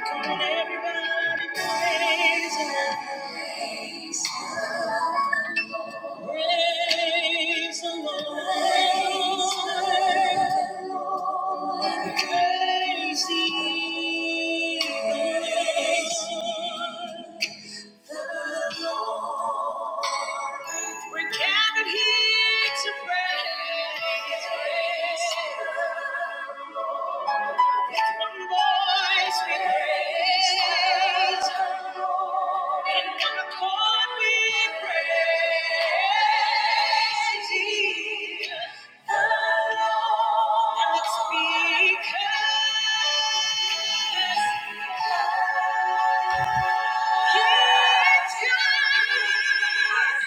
Come on, everybody, praise Him. Praise the Lord. Praise the Lord. We're gathered here to praise. One voice we praise the In concord we praise Thee, the Lord. And it's because Yes,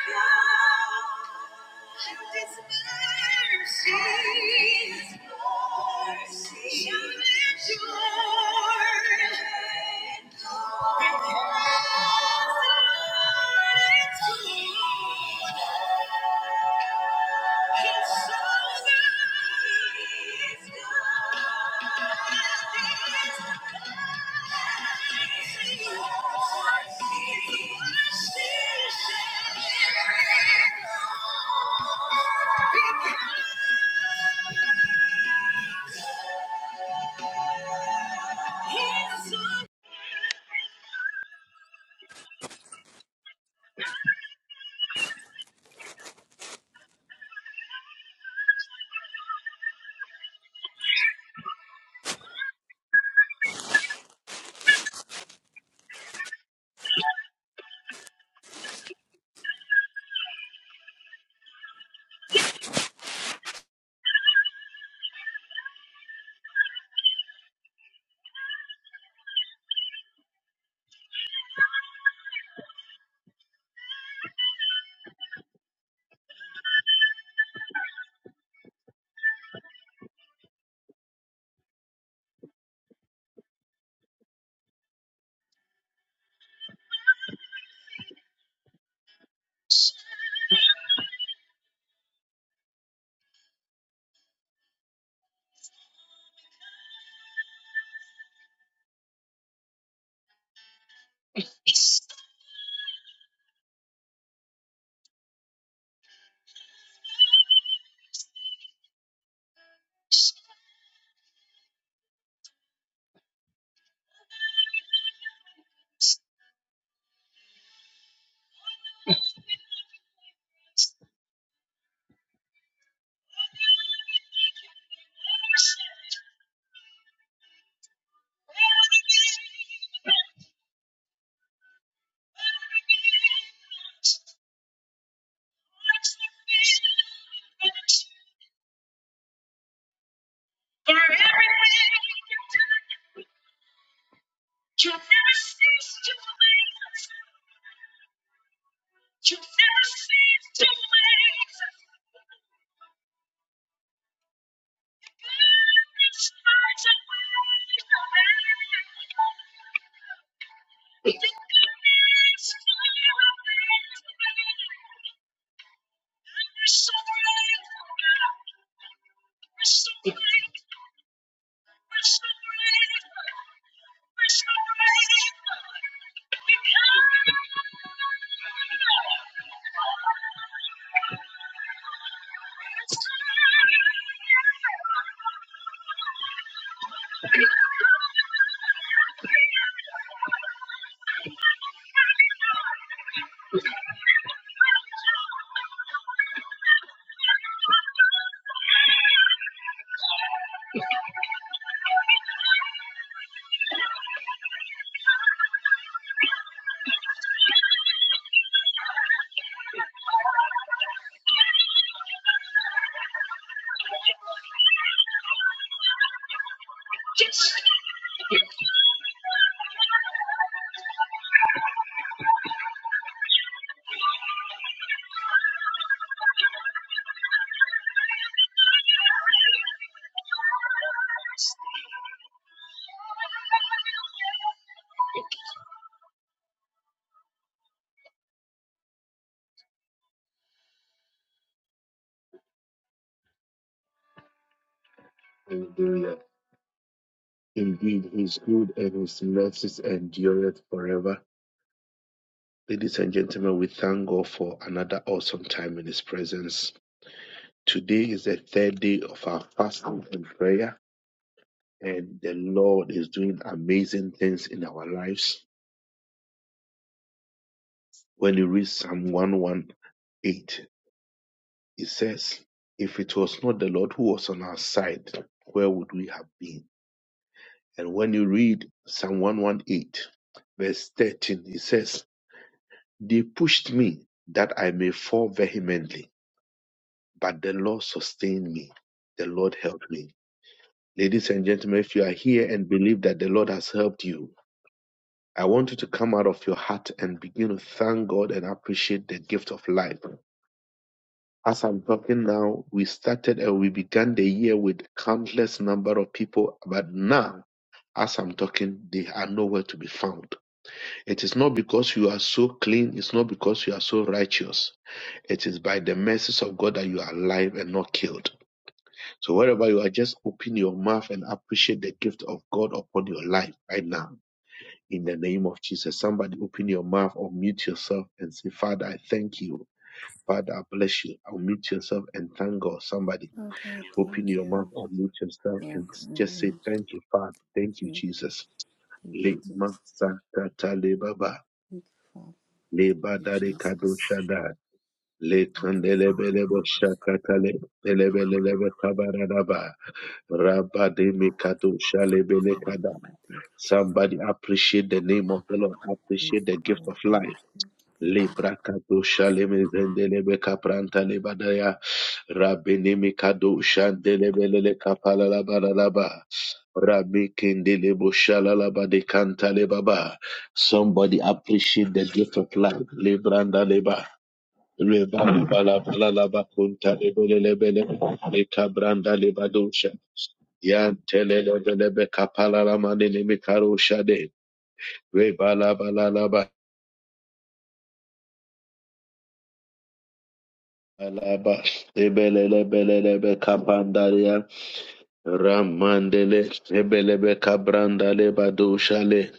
God. Thank you. Hallelujah. Indeed, He is good and His mercies endureth forever. Ladies and gentlemen, we thank God for another awesome time in His presence. Today is the third day of our fasting and prayer. and the Lord is doing amazing things in our lives. When you read Psalm 118, it says, If it was not the Lord who was on our side, where would we have been? And when you read Psalm 118, verse 13, it says, They pushed me that I may fall vehemently, but the Lord sustained me. The Lord helped me. Ladies and gentlemen, if you are here and believe that the Lord has helped you, I want you to come out of your heart and begin to thank God and appreciate the gift of life. As I'm talking now, we started and we began the year with countless number of people, but now, as I'm talking, they are nowhere to be found. It is not because you are so clean, it's not because you are so righteous. It is by the mercies of God that you are alive and not killed. So wherever you are, just open your mouth and appreciate the gift of God upon your life right now. in the name of Jesus. Somebody open your mouth or mute yourself and say, Father, I thank you. Father, I bless you. I'll mute yourself and thank God. Somebody Father, thank open your mouth you or mute yourself for and just say, bringing Thank you, Father. Thank you, you. Jesus. Thank Le you, Jesus. masakata le baba. Thank you, Father. Le Thank you, badare kado Jesus. shada. Le Thank you, kandele Father. belebo shakata le belebelebe kabaradaba. Rabade me kado shale bele Thank you kada. for everything. Thank you, Jesus. Somebody appreciate the name of the Lord. Thank Appreciate the you, gift of Lord. life Thank you. Thank you. Librakadusha lemezendelebe kapranta lebadaya rabinimi kadusha delebelele kapala labaralaba rabikindele bushala labade kanta lebaba. Somebody appreciate the gift of life. Libranda leba. Leba leba leba leba kunta lebelelebele lekabranda lebadusha. Yan telelebelebe kapala lamanini mikarusha de. Reba laba la laba. Alaba, ebelele belelebe kapandaria, ramandele, ebelebe kabrandale badushale,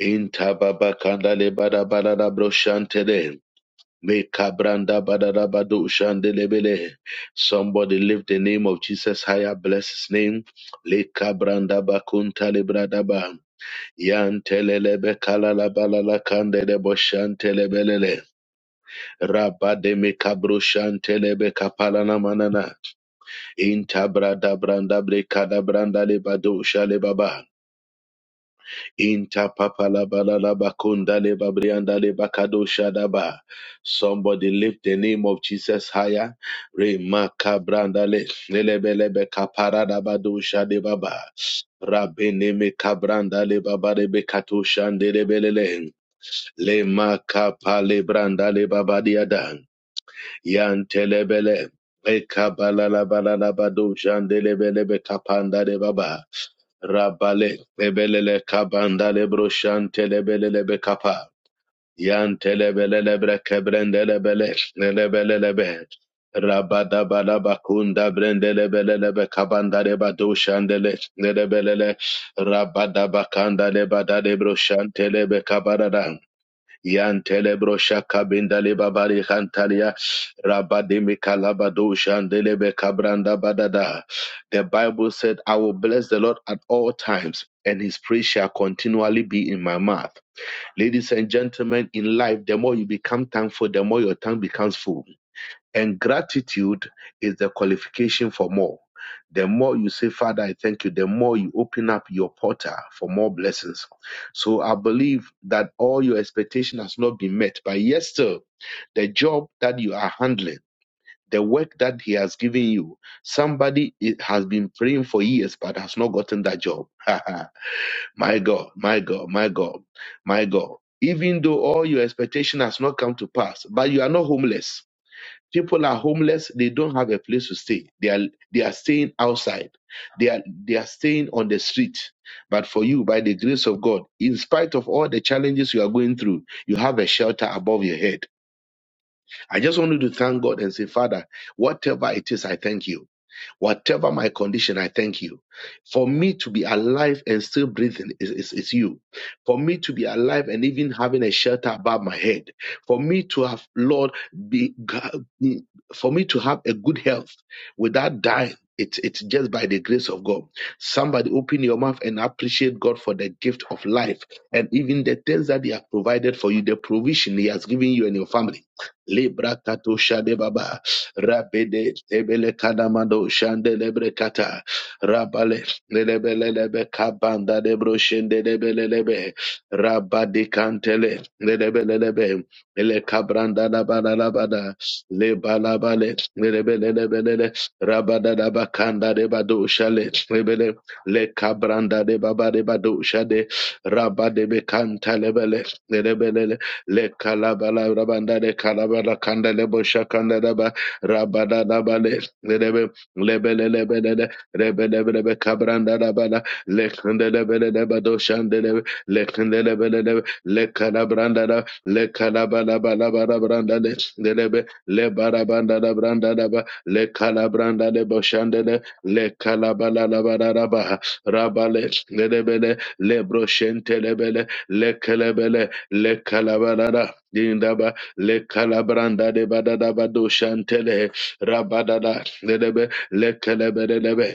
intababa kandale badabada broshantele, me kabranda badada badushandele Somebody lift the name of Jesus higher, bless his name. Le kabranda bakuntale bradaba, yantelelebe kalala balala kandele boshantele belele, rabade me kabro shantelebe manana. Inta brada branda brekada branda le badosha le baba. Inta papa la bala la bakunda le babrianda le bakadosha daba. Somebody lift the name of Jesus higher. Remaka branda le lelebelebe kapara da badosha de baba. Rabene me kabranda le baba de bekatosha ndelebelele. Le makapa le branda le baba diada. Yantelebele. Ekabalalabalabado kapanda de baba. Rabale ebelele kabanda le broshantele belele be kapa. Yantelebelelebre kebrendelebele nelebelelebe. Rabadabalabakunda brendelebelelebe kabandale bado shandele nelebelele. Rabadabakandale badale broshantelebe kabarada. Yantelebro shaka bindale babari hantalia rabadimi kalabado shandelebe kabranda badada. The Bible said, I will bless the Lord at all times, and his praise shall continually be in my mouth. Ladies and gentlemen, in life, the more you become thankful, the more your tongue becomes full. And gratitude is the qualification for more. The more you say, Father, I thank you, the more you open up your portal for more blessings. So I believe that all your expectation has not been met, but yes, still, the job that you are handling, the work that he has given you. Somebody i- has been praying for years but has not gotten that job. my God, my God, my God, my God. Even though all your expectation has not come to pass, but you are not homeless. People are homeless. They don't have a place to stay. They are they are staying outside. They are they are staying on the street. But for you, by the grace of God, in spite of all the challenges you are going through, you have a shelter above your head. I just wanted to thank God and say, Father, whatever it is, I thank you. Whatever my condition, I thank you. For me to be alive and still breathing is, is, is you. For me to be alive and even having a shelter above my head. For me to have, Lord, be, for me to have a good health without dying. It's, it's just by the grace of God. Somebody open your mouth and appreciate God for the gift of life and even the things that He has provided for you, the provision He has given you and your family. Lebrakatoshadebaba. Rabede Ebele Kanamando Shandelebre Kata Rabale Lebelelebe Kabanda Debro Shendelebelebe Rabadi Kantele Lebelelebe Ele Kabranda Labada Labada Lebalabale Lebelelebele Rabada Labakanda Debado Shale Lebele Le Kabranda Debaba Debado Shade Rabade Bekanta Lebele Lebelele le kalabala rabanda de kalabala kanda le bosha Rabadadabale, Lebe, Lebelebele, Rebelebelebe, Cabrandadabala, Lekandelebelebado, Shandelebe, Lekandelebelebe, Lekadabrandada, Lekadabalabalabrandade, Lebe, Lebarabandadabrandadaba, Lekalabrandadebo, Shandele, Lekalabalabarabaha, Rabale, Lebele, Lebroshentelebele, Lekelebele, Lekalabalada, le calabranda de badada bado shantele rabadada lelebe le kelebe lelebe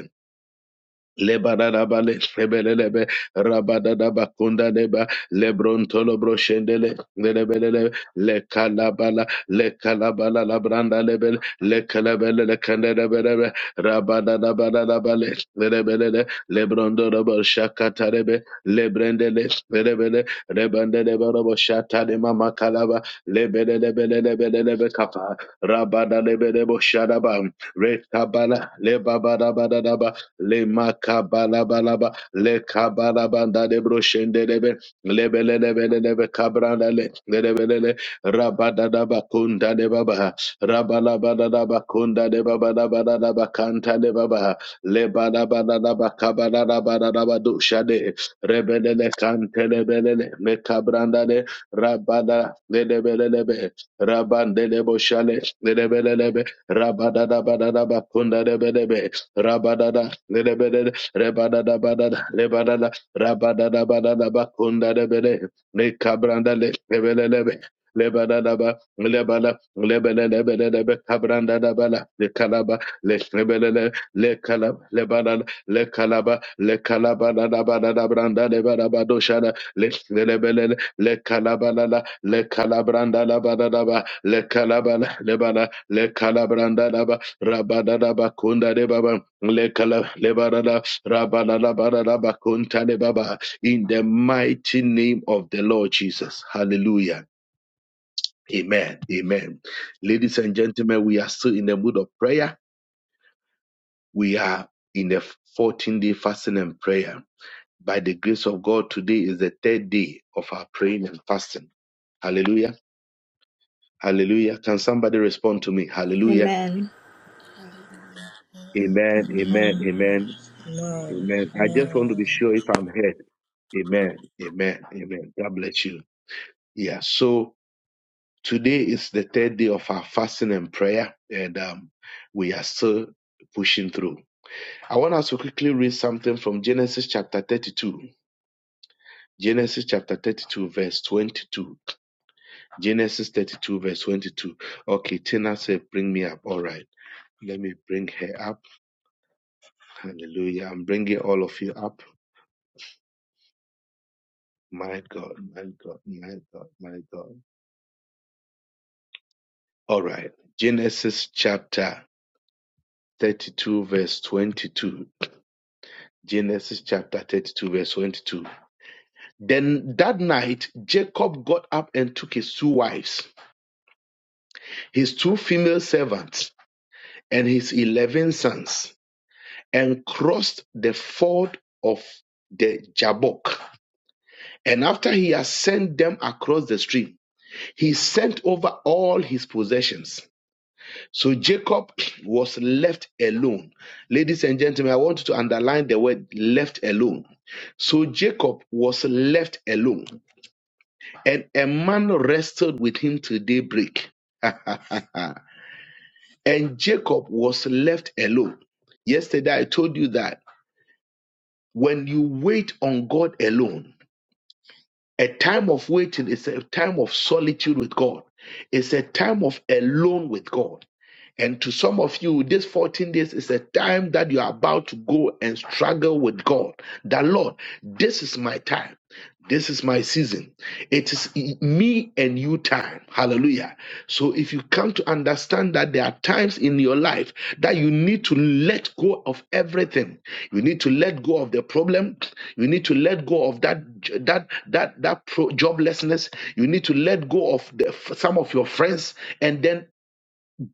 Lebaradabale, Rebelelebe, Rabadadaba, Kundadeba, Lebrontolo, Broshendele, Lebelele, Lekalabala, Lekalabala, Labranda, Lebel, Lekalabele, Lekandadabelebe, Rabadadabadabale, Lebelele, Lebrondorobo, Shakatarebe, Lebrendele, Lebele, Rebandeleborobo, Shatalema, Makalaba, Lebelelebelelebelebe, Kapa, Rabadalebelebo, Shadabam, Rekabala, Lebabadabadadaba, le makabalabalaba le kabalabanda de broshendelebe le kabrandale lebelele rabadadaba kunda de babaha rabalabadadaba kunda de babadabadadaba kanta de babaha lebadabadadaba kabalabadadaba dushade le kante lebelele mekabrandale rabada lebelelebe rabande de boshale lebelelebe rabadadabadadaba kunda lebelebe rabadada lebedede rebadada badada lebadada rabadada badada bakunda lebede le kabranda le lebelelebe lebadada ba lebada lebelelebelebe kabranda da bala le kalaba le lebele le kalaba lebada le kalaba le kalaba da da badada branda le badaba doshada le lebelele le kalaba la la le kalabranda la badada ba le kalaba le le kalabranda Rabadada bakunda de baba lekala lebadada rabadada badada bakunta de baba in the mighty name of the Lord Jesus. Hallelujah. Amen. Amen. Ladies and gentlemen, we are still in the mood of prayer. We are in the 14 day fasting and prayer. By the grace of God, today is the third day of our praying and fasting. Hallelujah. Hallelujah. Can somebody respond to me? Hallelujah. Amen. Hallelujah. Amen. Amen. Amen. Amen. No. Amen. I just want to No. be sure if I'm heard. Amen. Amen. Amen. God bless you. Yeah. So today is the third day of our fasting and prayer, and um, we are still pushing through. I want us to quickly read something from Genesis chapter 32. Genesis chapter 32, verse 22. Genesis 32, verse 22. Okay, Tina said, Bring me up. All right. Let me bring her up. Hallelujah. I'm bringing all of you up. My God, my God, my God, my God. All right. Genesis chapter 32, verse 22. Genesis chapter 32, verse 22. Then that night, Jacob got up and took his two wives, his two female servants, and his 11 sons, and crossed the ford of the Jabbok. And after he had sent them across the stream, he sent over all his possessions So Jacob was left alone. Ladies and gentlemen, I want you to underline the word left alone. So Jacob was left alone, and a man wrestled with him till daybreak. and Jacob was left alone. Yesterday, I told you that when you wait on God alone, a time of waiting is a time of solitude with God, it's a time of alone with God. And to some of you, this 14 days is a time that you are about to go and struggle with God. That Lord, this is my time. This is my season. It is me and you time. Hallelujah. So if you come to understand that there are times in your life that you need to let go of everything. You need to let go of the problem. You need to let go of that that that that pro- joblessness. You need to let go of the, some of your friends and then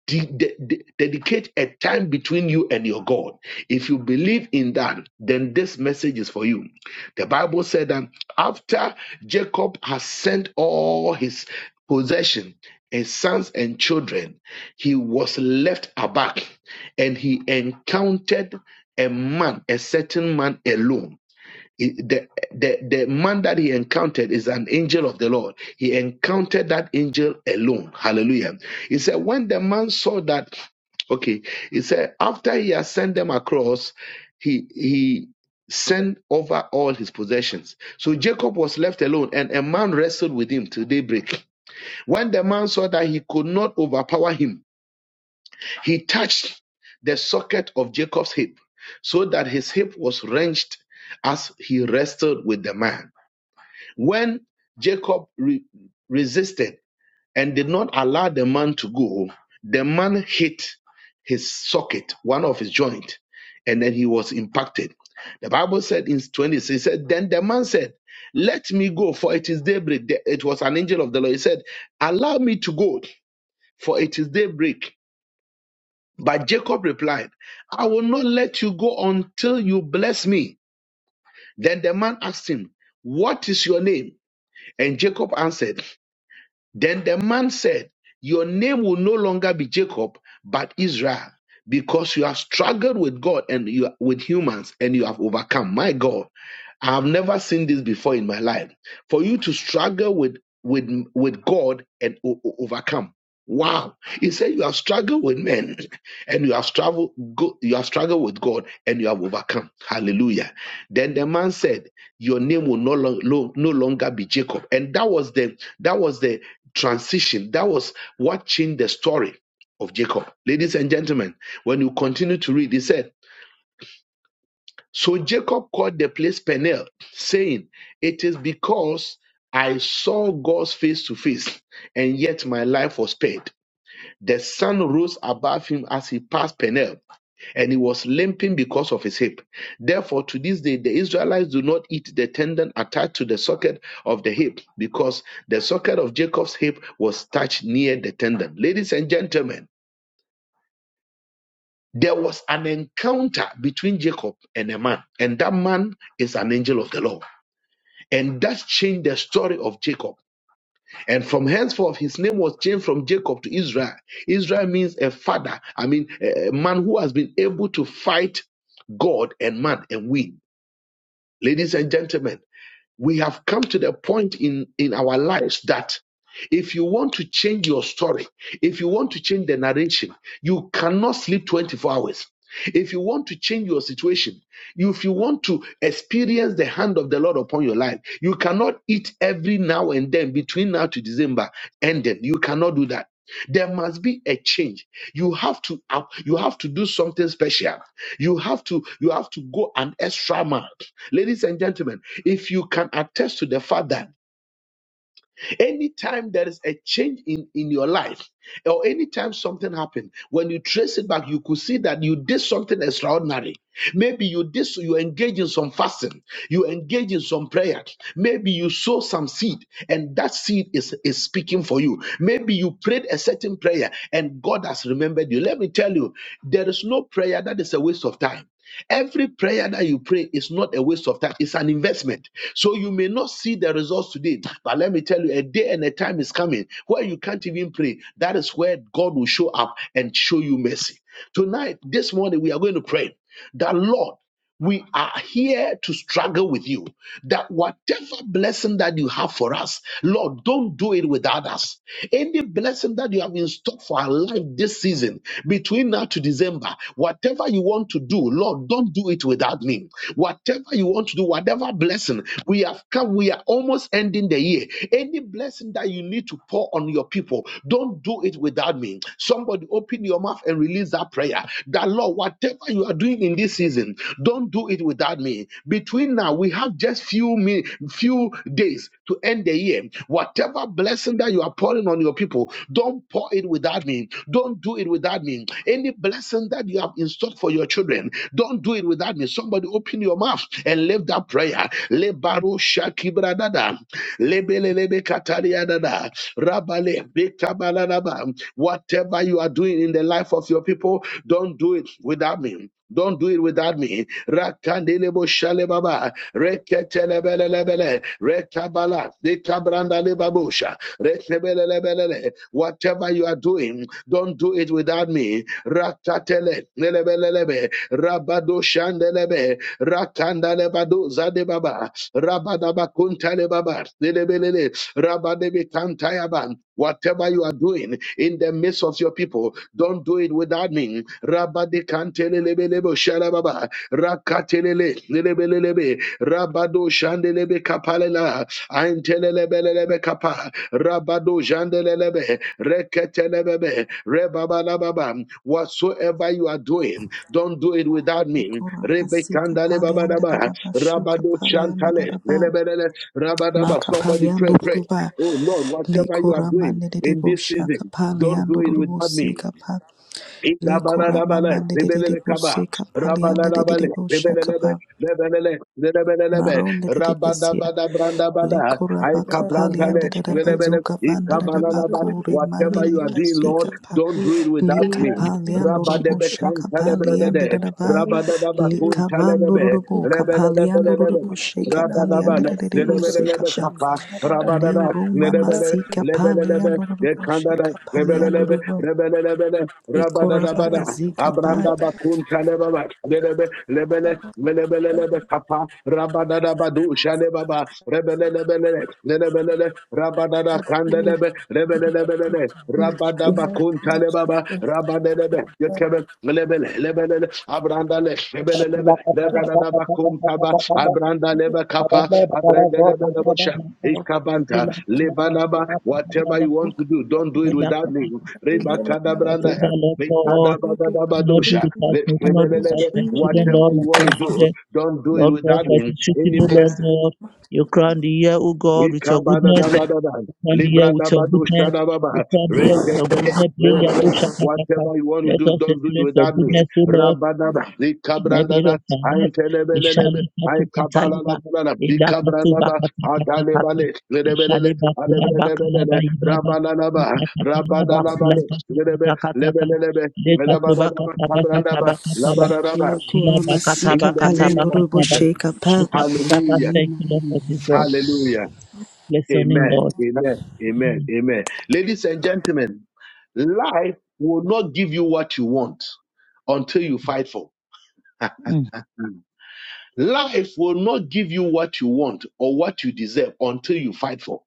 de- de- de- dedicate a time between you and your God. If you believe in that, then this message is for you. The Bible said that after Jacob has sent all his possession, his sons and children, he was left aback and he encountered a man, a certain man alone. He- the, the, the man that he encountered is an angel of the Lord. He encountered that angel alone. Hallelujah. He said, when the man saw that, okay, he said, after he had sent them across, he, he sent over all his possessions. So Jacob was left alone and a man wrestled with him till daybreak. When the man saw that he could not overpower him, he touched the socket of Jacob's hip so that his hip was wrenched as he wrestled with the man. When Jacob re- resisted and did not allow the man to go, the man hit his socket, one of his joint, and then he was impacted. The Bible said in 26, it said, Then the man said, Let me go, for it is daybreak. The- It was an angel of the Lord. He said, Allow me to go, for it is daybreak but Jacob replied, I will not let you go until you bless me. Then the man asked him, What is your name? And Jacob answered, Then the man said, Your name will no longer be Jacob, but Israel, because you have struggled with God and you, with humans and you have overcome. My God, I have never seen this before in my life. For you to struggle with, with, with God and o- o- overcome. Wow. He said, You have struggled with men and you have struggled go, you have struggled with God and you have overcome. Hallelujah. Then the man said, Your name will no, long, lo- no longer be Jacob. And that was the that was the transition. That was what changed the story of Jacob. Ladies and gentlemen, when you continue to read, he said, So Jacob called the place Peniel, saying, 'It is because I saw God's face to face, and yet my life was spared. The sun rose above him as he passed Peniel, and he was limping because of his hip. Therefore, to this day, the Israelites do not eat the tendon attached to the socket of the hip, because the socket of Jacob's hip was touched near the tendon. Ladies and gentlemen, there was an encounter between Jacob and a man, and that man is an angel of the Lord. And that changed the story of Jacob. And from henceforth, his name was changed from Jacob to Israel. Israel means a father, I mean, a a man who has been able to fight God and man and win. Ladies and gentlemen, we have come to the point in, in our lives that if you want to change your story, if you want to change the narration, you cannot sleep 24 hours. If you want to change your situation, if you want to experience the hand of the Lord upon your life, you cannot eat every now and then between now to December and then. You cannot do that. There must be a change. You have to up- you have to do something special. You have to you have to go an extra mile. Ladies and gentlemen, if you can attest to the Father. Anytime there is a change in, in your life, or anytime something happened, when you trace it back, you could see that you did something extraordinary. Maybe you did so, you engage in some fasting, you engage in some prayer, maybe you sow some seed, and that seed is, is speaking for you. Maybe you prayed a certain prayer and God has remembered you. Let me tell you, there is no prayer that is a waste of time. Every prayer that you pray is not a waste of time, it's an investment. So you may not see the results today, but let me tell you, a day and a time is coming where you can't even pray. That is where God will show up and show you mercy. Tonight, this morning, we are going to pray that Lord. We are here to struggle with you. That whatever blessing that you have for us, Lord, don't do it without us. Any blessing that you have in store for our life this season, between now to December, whatever you want to do, Lord, don't do it without me. Whatever you want to do, whatever blessing we have come, we are almost ending the year. Any blessing that you need to pour on your people, don't do it without me. Somebody open your mouth and release that prayer. That Lord. Lord, whatever you are doing in this season, don't do it without me. Between now, we have just few min, few days to end the year. Whatever blessing that you are pouring on your people, don't pour it without me. Don't do it without me. Any blessing that you have in stock for your children, don't do it without me. Somebody open your mouth and lift that prayer. Lebaro shakibradada. Lebelelebe katariadada. Rabale bekabalalaba. Whatever you are doing doing in the life of your people, don't do it without me. Don't do it without me. Rakandelebo shalebaba, reketelebelelebele, rekabala, dekabrandelebabusha, rekebelelebelele. Whatever you are doing, don't do it without me. Rakatele, nelebelelebe, rabado shandelebe, rakandalebado zadebaba, rabadabakuntalebaba, nelebelele, rabadebekantayaba. Whatever whatever you are doing in the midst of your people, don't do it without me. Rabade kantelelebelebo shalababa, rakatelele lelebelelebe, rabado shandelebe kapalela, aintelelebelelebe kapa, rabado jandelelebe, reketelebebe, rebabalababa. Whatsoever you are doing, don't do it without me. Ikora pasika Rebekandale palianda da babadaba, shuka rabado palianda da shantale lelebelele, rabadaba. maka Somebody paliando pray, pray. ruba Oh Lord, whatever you are likora doing mane de in this shaka season, don't paliando do it rubo without me. sika pa likora Idabarabale, mama de de de zibelele bo kaba, sika palianda de de rabalabale, shaka pa zibelelebe, lebelele, zebelelebe, maronde de de besia rabadabada, brandabada, Lekora bakapali anda aikabrantale, da da Jesus, lebele, bazuka van da ikabalalaba. bakuri mandi Whatever di you are doing, bazika Lord, pa don't do it without lika me. pali andorobo Rabadebe shaka kantale pali anda da bredede, da ba rabadadaba lika kuntalebebe, vandorobo kapali andorobo shaka pali anda rabadabale, da da bosika lebelelebe pa kapa, le rabadada, roma lebele, masika pali lebelelebe, andorobo dekandada, shaka pali andorobo lebelelebe, Rabada ikora rabada, babazika pa Abranda Bakun Kalebaba, Lebe, Lebele, Melebele, Lebe, Papa, Rabadadabadu, Shalebaba, Rebelebele, Lebele, lebele, Rabada Kanda lebe. Rabadada, Kandelebe, Lebelebele, Rabadabakun Kalebaba, Rabadebe, Yekebe, Lebele, Lebele, Abranda, Le, Whatever, Lebelebe, Lord Lebadabakun Kaba, Abranda, Lebe, Kappa, Abranda, Lebe, Lebosha, Ikabanta, Lebanaba, whatever you want to do, don't do it without me. Rebakadabranda, God, do not do Lekadabadabadosha. without Lek- me, do not lebe- do lebe- lebe. without my children, Whatever Lord, my you want to do, grandchildren, don't do it Lord God, without for it him. is written, Any O Lord blessing. God, you crown the year, O God, with your goodness, Ikabadadabadada. you crown the year with your goodness, you Libradabadoshtadababa. crown the year with your Reketele- goodness, Lay your Relevele. bush, shakataka. Whatever you want to let do, us don't do it experience your without me. goodness, O Lord. Rabadaba, Nebiro Ikabrandada, Kanes, Antelebelelebe, Mishali Katu Kataliba, Ikabalalabalala, Ida Katu Ikabrandaba, Bakata Kata Kata, Adalebale, Lebelele, Mishali Bakula Bakala Alebelelebele, Bayibaba, Rabalalaba, Mutakata Bakula Rabalalabale, Kata Lebe- Kata Kata Kata, Lebelelebe, Le Katu Lebadadaba, Bakata Bakata Kabrandaba, Bakata Ba, Labadadaba. Shila lekora Bakata masika In the pali Bakata name of Bakata andorobo Ba, Jesus. shaka pa Shita Kata, Hallelujah. thank you Lord for this Lord. Hallelujah. Bless your name, Amen. Father, Lord. Amen. Amen. Mm, Amen. Ladies and gentlemen, life will not give you what you want until you fight for. mm. Life will not give you what you want or what you deserve until you fight for.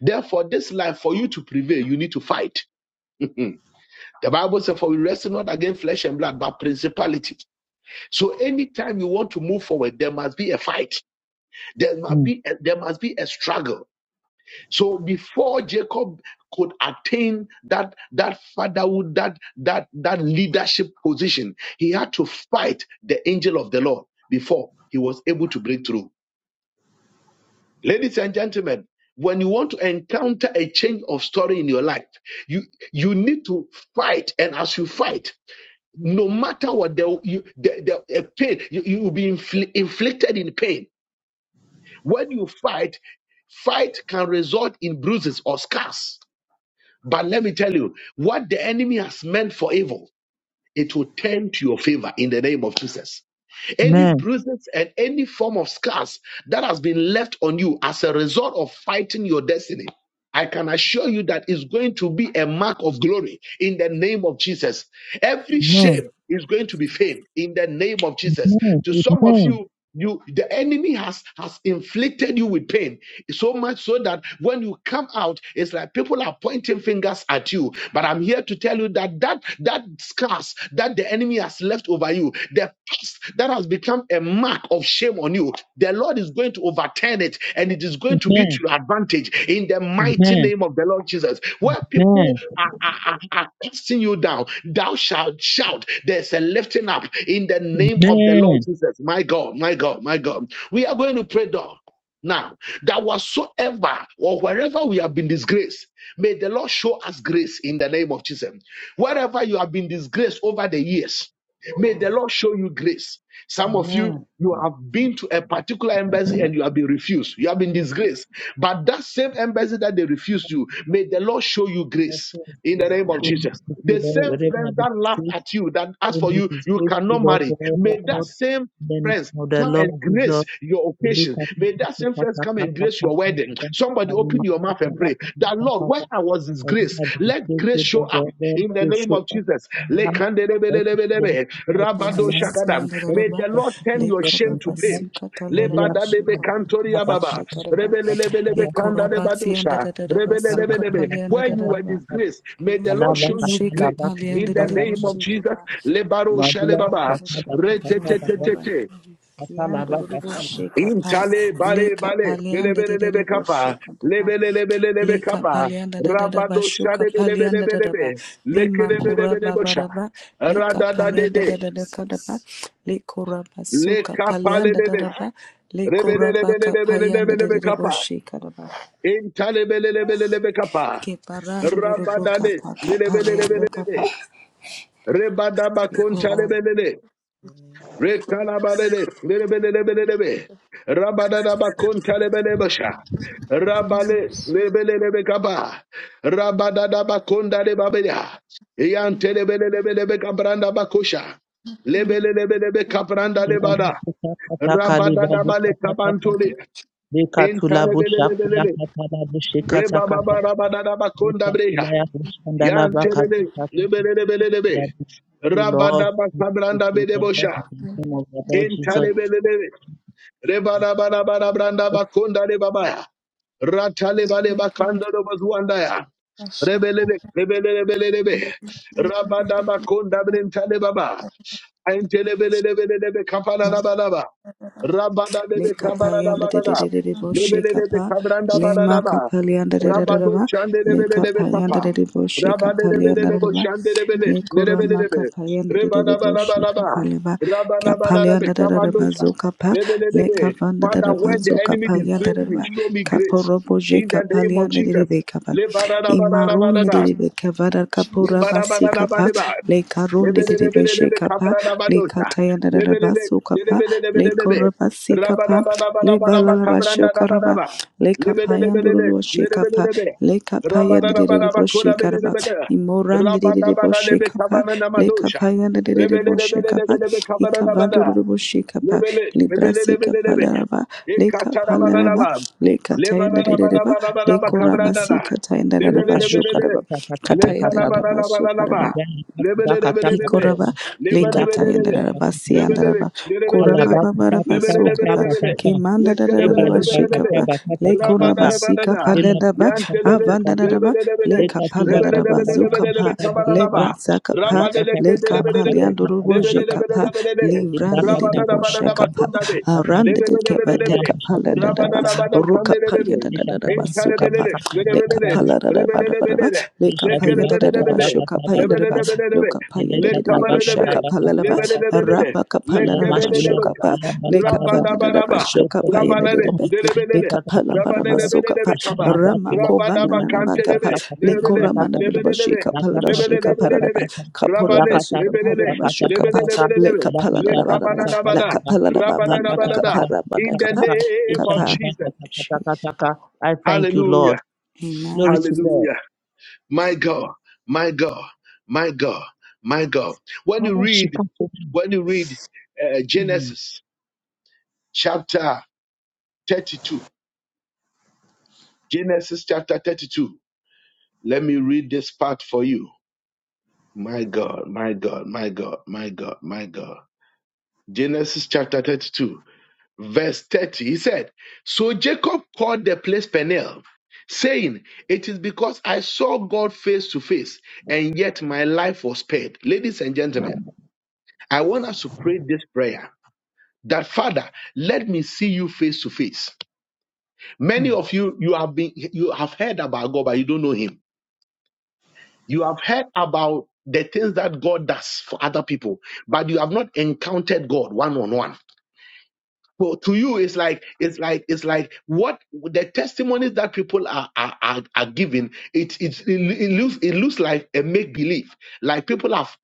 Therefore, this life, for you to prevail, you need to fight. the Bible says, For we wrestle not against flesh and blood, but principalities. So anytime you want to move forward, there must be a fight. There must be a, there must be a struggle So before Jacob could attain that that fatherhood, that that that leadership position, he had to fight the angel of the Lord before he was able to break through. Ladies and gentlemen, when you want to encounter a change of story in your life, you you need to fight, and as you fight, no matter what the you, the, the a pain, you, you will be infli- inflicted in pain. When you fight, fight can result in bruises or scars But let me tell you, what the enemy has meant for evil, it will turn to your favor in the name of Jesus. Any Amen. bruises and any form of scars that has been left on you as a result of fighting your destiny, I can assure you that it's going to be a mark of glory in the name of Jesus. Amen. Every Amen. shame is going to be famed in the name of Jesus. Amen. To some of Amen. you, you the enemy has has inflicted you with pain so much so that when you come out it's like people are pointing fingers at you but i'm here to tell you that that that scars that the the enemy has left over you, the past that has become a mark of shame on you, the Lord is going to overturn it and it is going to be to your advantage in the Amen. mighty Amen. name of the Lord Jesus. Where people Amen. are, are, are, are casting you down, thou shalt shout, there's a lifting up in the name of the Lord Jesus. My God, my God, my God. We are going to pray, dog. Now, that whatsoever or wherever we have been disgraced, may the Lord show us grace in the name of Jesus. Wherever you have been disgraced over the years, may the Lord show you grace. Some of Amen. you, you have been to a particular embassy and you have been refused. You have been disgraced. But that same embassy that they refused you, may the Lord show you grace reference in is the name of true, Jesus. faithful The Lord, same wherever friends I've been that laughed faithful, at you, that asked for it you, is you faithful cannot Lord marry. forever, May that Lord. same In the friends name of the Come Lord and grace Jesus. your occasion. Malika kata May that same friends kata come and kata grace your kata wedding. kata Somebody kalima open your mouth kata and pray kata that kata Lord, where kata. I was Wherever disgraced, I've been let grace faithful, show Lord up God, Lord, in the please name show of up Jesus. in my life. Let me show up Lekandelebelebelebe, in God in my life. Korabasi rabadoshakadam. and the Let May me Korabasiyandaraba, the show up Lord in turn Le your show up in shame to my fame. life. Malia Korabasukatalaraba, kata Lebadadebe kata kata kata Shikadaraba, kata kantoriababa, Shikaraba, kata kata kata Le rebelelebelebe kandadebadosha, Korabasiyandaraba, rebelelebelebe. Where you were Sukapaliandaraba, disgraced, may the Lord Kiandorobu, show you grace kata in kata the Shikapaliandaraba, name kata. of Jesus. Shikaba, the Madula Lebaroshalebaba, kasa baba Everyone, kasa from baba the Katayandaraba, retetetetete. grace, kasa Lord, laba believe. Lord, Kiandorobo kasa shekapa Intale bare leka bale palianda de de lebelelebe de bo kapa shekapa lebelelebelebe leka kapa palianda da da da ba rabado shoka shade palianda da da ba lebelebelebe lima kura ba lekelebelebelebe ba sha da ba leka radada palianda da dede da da ka da ba lekora ba suka lekapa palianda da lelebe da ba lekora ba ka palianda de rebelelebelebelebe de de bo kapa sheka da ba lebe lebele lebe lebe lebe lebe kapa intale belelebelebe kapa ke my parandorobo life. ka rabadade pa ka palianda ka lebelebelebe pa rebadaba konta Oh, my God. Rekalabadede, lebelebelebelebe. Rabadadabakontalebelebesha. Rabale, lebelebekaba. Rabadadabakondalebabeda. Iyantelebelebelebekabrandabakosha. shila Lebelebelebekabrandalebada. masuka kasa kaliba luka kasa kasa Rabadadabalekabantole. deka tula busha kula Intalebelebelele. kasa la bushe kasa kasa deka Rebababarabadadabakondabreha. tula ya busha ndala ba kasa Yantelele, kasa lebelebelebe. babu to Lord to to the Lord Rabadabakabrandabedebosha. in the name of the Lord Jesus Intalebelebe. Rebadabadabranda bakunda rebabaya. Ratalebale bakanda robazuandaya. Rebelebe, rebelebelebe. Rabadabakunda brentale baba. Aintelebelebelebe kapanadabadaba. Rabada le lebe kabarada kapayanda de de de barada. de de boshe Lebele lebe kapa kabranda le ma barada ba. kapalianda de de de de Rabado ba shande le lebele lebe kapayanda kapa. de de boshe Rabade lebe kapalianda lebe de ba shande lebele. le kora Lebele ma lebe. kapayanda de de de Rebada boshe barada ba kapale ba Rabada barada be kapalianda de de de ba kabandosha. zo kapa le Lelelelele. kavanda de Father, de ba when the zo enemy kapayanda disgrace de de me, ba show me grace. kaporo boshe In the name of kapalianda de de Jesus. de kapa imarun de Lebarabarabarabara. de de kavada kapora ma si kapa Lebarabarabarabara. le karun de de de boshe Lebelelebelelebe, kapa kabranabadosha. kataya Lebelele- narabasu kapa le Tayandaraba lelebelelebelelebe. Sukapa, Lekoraba Sikapa, Rabadabadabadabadaba, Lebalaba Shokaraba, kabrandabadabadaba. Lebelelebelele, Lekapayanduru Shekapa, lebelelebe. Rabadabadabadaba, Lekapayandibo Shekaraba, Imorandibo Rabadabadalebe, Shekapa, kabananamadosha. Lekapayandibo Shekapa, Lebelelebelelebe, kabananabada. Ikabanduru Shekapa, Lebele, Libra lebele, lebele, lebe. Sikapalaraba, Ekatara banana Lekapalaraba, ba. Lebanana deka Lekatayandaraba, kasa banana banana kasa ba kasa Lekoraba kabranda na. Lebele, deka Sikatayandaraba lebele, busha lebe. Shokaraba, Katayandaraba karaba. kasa kasa ba kataya kasa Letana ba banana ndarabasho bananaba. karaba ibali kasa ba Lebele, kasa lebele, kasa lebe. kasa Hikoraba Lebele, ila leka lebele, kasa lebe. kasa tayandaraba kasa kasa Lebele, lebele, siyandaraba lebele koraba lebe. alaba kasa babaraba kasa Lebele, kasa lebele, sokaba kasa lebele. kasa Lekele, Le lebele, Bali kemandaraba lebele, lebe. bakata shekaba bakata bakata, lekoraba Rabana banana. sikapa le Shela ledaba bakata bakata Yantelele, kata. avandaraba lebele, lebele. leka Leka tu Lebele, bakata paleraba lebele, kata lebele, lebe. zukapa masheta bakata. Kabananaba. lebra zakapa Rabane Leka lekele, bakata leka lebele, lebe. bakata paliandurubo makata Lebele, lebele, makata. jekapa lebele, lebe. Ela bakata livrandedebo bakata shekapa makata Rabadabadabakundade. makata. arandedekeba Ela Lebedebedebedebe. dekapa ledaba bakata, le rukapa Rabadabadabakandebedebe. Leshata yadaraba bakata sukapa Enterebedebe. bakata leka bakata, Lebedebedebe. paleraba Lebedebedebe. leka le di bakata payandaraba Lekelebedebedebe. bakata shokapa yadaraba bakata. Lebedebedebe. Luka le paya de de de kata de bosha bakata Lekabadebedebe. kapala bakata laba bakata. Lebedebedebe. rapa kapala Ela na laba mashela shoka Lekebedebedebe. pa bukala leka pala bakalaba. na laba Rabadabadaba. We bless shoka the name paya of de de Rabadade. de God. de Makuri Lebedebedebe. leka kata pala kati bara sila. masoka Rabadebedebe kaba. Ishali rama bakula ko katu vana na laba bakata kapa Rabadabakantelebe. kata kata linko Lebedebe. kata rama na kata bela kata. bashi Lebedebedebe. kapala na Lakata shi bukata kapala na Lebedebedebe. kata kata. kapora Rabade. Lakata basu Lebedebe. kapala bukata na kata bashi kata kapa kata. leka pala na Lakata laba na bakata kata la Lekabadadabada, kata. kapala na ba vana na Lakata rabadadabadada. kata kapara ba kata In the kata kapa kata. name of Ishali kapa. Jesus. bakata kata kata Jesus. kata. I thank you, Lord. Hallelujah. Glory to God. Hallelujah. My God. My God. My God. My God. When you Mama read, shikato. when you read uh, Mm. Genesis chapter 32, Genesis chapter 32, let me read this part for you. My God. My God. My God. My God. My God. Genesis chapter 32. verse 30, he said, So Jacob called the place Peniel, saying, It is because I saw God face to face, and yet my life was spared. Ladies and gentlemen, I want us to pray this prayer. That Father, let me see you face to face. Many of you, you have been, you have heard about God, but you don't know Him. You have heard about the things that God does for other people, but you have not encountered God one on one. Well, to you, it's like it's like it's like what the testimonies that people are are, are, are giving. It, it's, it it looks it looks like a make believe. Like people have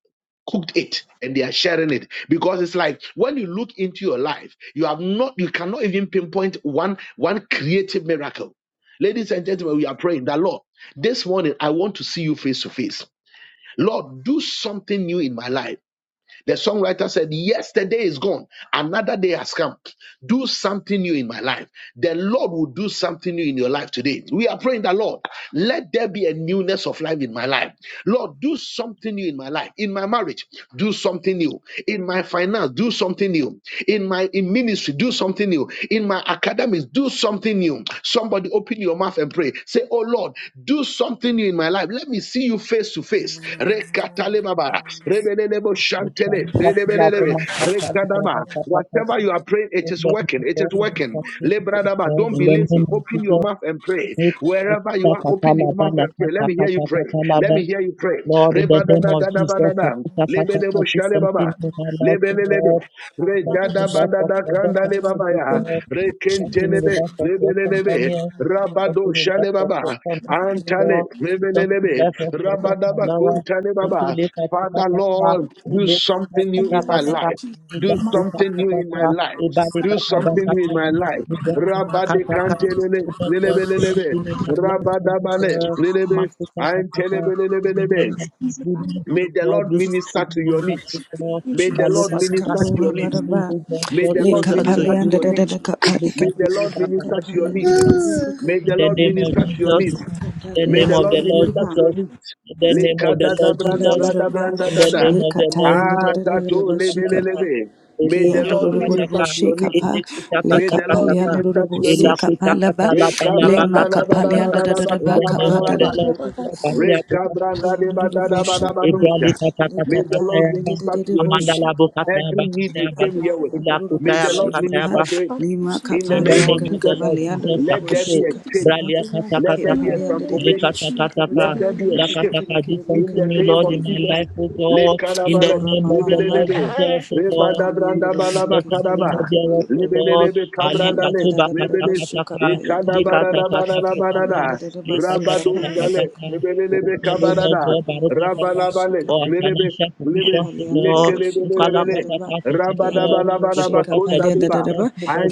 cooked it and they are sharing it because it's like when you look into your life you have not you cannot even pinpoint one one creative miracle ladies and gentlemen we are praying that lord this morning i want to see you face to face lord do something new in my life the songwriter said, Yesterday is gone. Another day has come. Do something new in my life. The Lord will do something new in your life today. We are praying that, Lord, let there be a newness of life in my life. Lord, do something new in my life. In my marriage, do something new. In my finance, do something new. In my in ministry, do something new. In my academics, do something new. Somebody open your mouth your mouth and pray. Say, Oh Lord, do something new in my life. Let me see you face to And face. Rekatalebaba, rebelelebo shantele, Ishalikatula lelebelelebe, rekadaba. bumakata Whatever you are praying, it In is the name working. of It is God, we working. forgive you, Lebradaba, God. Don't In be the lazy. name of Open your Jesus, mouth and pray. make Wherever you Kakuta are, open your Katalaba, mouth La and pray. Let me hear you Katakata pray. Let Katalaba. me hear you pray. Lord, in the name of Jesus, Rebadadadadabadada, Kakuta lebelebo Katakata, do shalebaba, something in our life, Lord. lebelelebe, Something do in something our life in of God, my something, life. redadabadadakandalebabaya, In Lord the name of Jesus, I continue the rekentelebe, life of your son lebelelebe. Daniel, Rabado continue the shale life of your Shalebaba, son Antale, Lord, continue the Lebelebe, life of your daughter Rabadaba Laura, kuntale the pray two baba, live at Father Patapa, Lord, the do in live my life. at something new In in the my name of Patapa, life. Jesus, the Do my Father, do that Lakuta something new in my Patapa, life. the Badi Do in Pataba something new in my Pataba, life. the Johnny Rabade Makataka, Kantelele, the Lord Lelebelebe, continue in our life, O Rabadabale, Lord, Lelebe, Makuta Patapa. We know Antelebelebelebe. that the name your of goodness, O May the God, Lord do Jesus. minister something in to your our life, needs. O God. In May my the Lord Baluka Jesus, Patapa, do minister to kapura your may needs. something you, baraba, O God, May draw the le Lord closer in the to minister to you. kapalianda your name da needs. da of da In kapali the May kap, the Lord minister to your kapalianda needs. da da Jesus. da May the Lord name kapalianda, of minister to your Jesus, needs. in the May name the kapalianda of da Lord the da Lord da minister ba, to your Jesus, needs. in the name Leka of the da da Lord katala branda Jesus, ba da baraba, branda in da the This is da name le of the Lord katayanda da Ah, Jesus, da da da kato ba lebe lebe shikapa, lebe. May the kianda da Lord da my da da minister to your needs. shikapa, le May the Lord kapalianda da da minister to da your needs. shikapa ba, Weka le ma branda la ba la ba kapalianda la ba da la da Makasa da in ba ba the la name ba kapa of da la da the ba. da da Lord Father, Jesus, do kianda da da da Badiabokatakatakataka, shikapa, Rekabrangadebadadabadabadosha. le May the Lord katayanda da Ebralikatakatakatayaba, da minister to da your da needs. shikapa. Every need you Amandalabokatayabakatayaba, came here with, Kapalia dodo may the boshi Lord kapa Elakutayabakatayaba, minister to it. lima In the something in the kapalia name new name of in ga of the Jesus, my life, Lord oh kapalia dodo Jesus, let there be This boshi Sakuto, a day, this change. kapalava Bralia season, Lord. ke Let there be In a Katakataka, the palia dodo name of transformation. boshi kapalava Let Lekatakataka, there Jesus, be a kiri shift. kiri Lakataka, do kiri bo In ke something the new, kiri name Lord, kiri of in my kiri bo Jesus, life, oh le God. In the karabalet, ikora name mama of the mama Lord rebelelebe, Jesus, oh God. kapalia dodo Because he kiri rebadabrandabalaba says, kiri I'm kiri free of karaba. kiri bo bo thereof, oh bo bo God. Lebelelebe ke palia kabrandale, dodo Alekatuba dodo bo lebele- boshi Katakataka, kapalia dodo dodo bo ke palia Lekatakataka, ekalabarabarabarabara, dodo dodo boshi kapalia rabadoskale, dodo dodo bo ke palia Lekatakataka. lebelelebe Open, oh Lord kabarada, God, dodo dodo Barokataka, boshi rabalabale, kapalia for our lelebe- financial lebe- provision, oh Lord. Kapaliandoroboshi, Ukala lekelebelebele, Kapaleleba, Kataka to secure the Kiandoroboshi, proper certificate rabadabalabalabakondabeba, to us, Kapaliandaraba, no more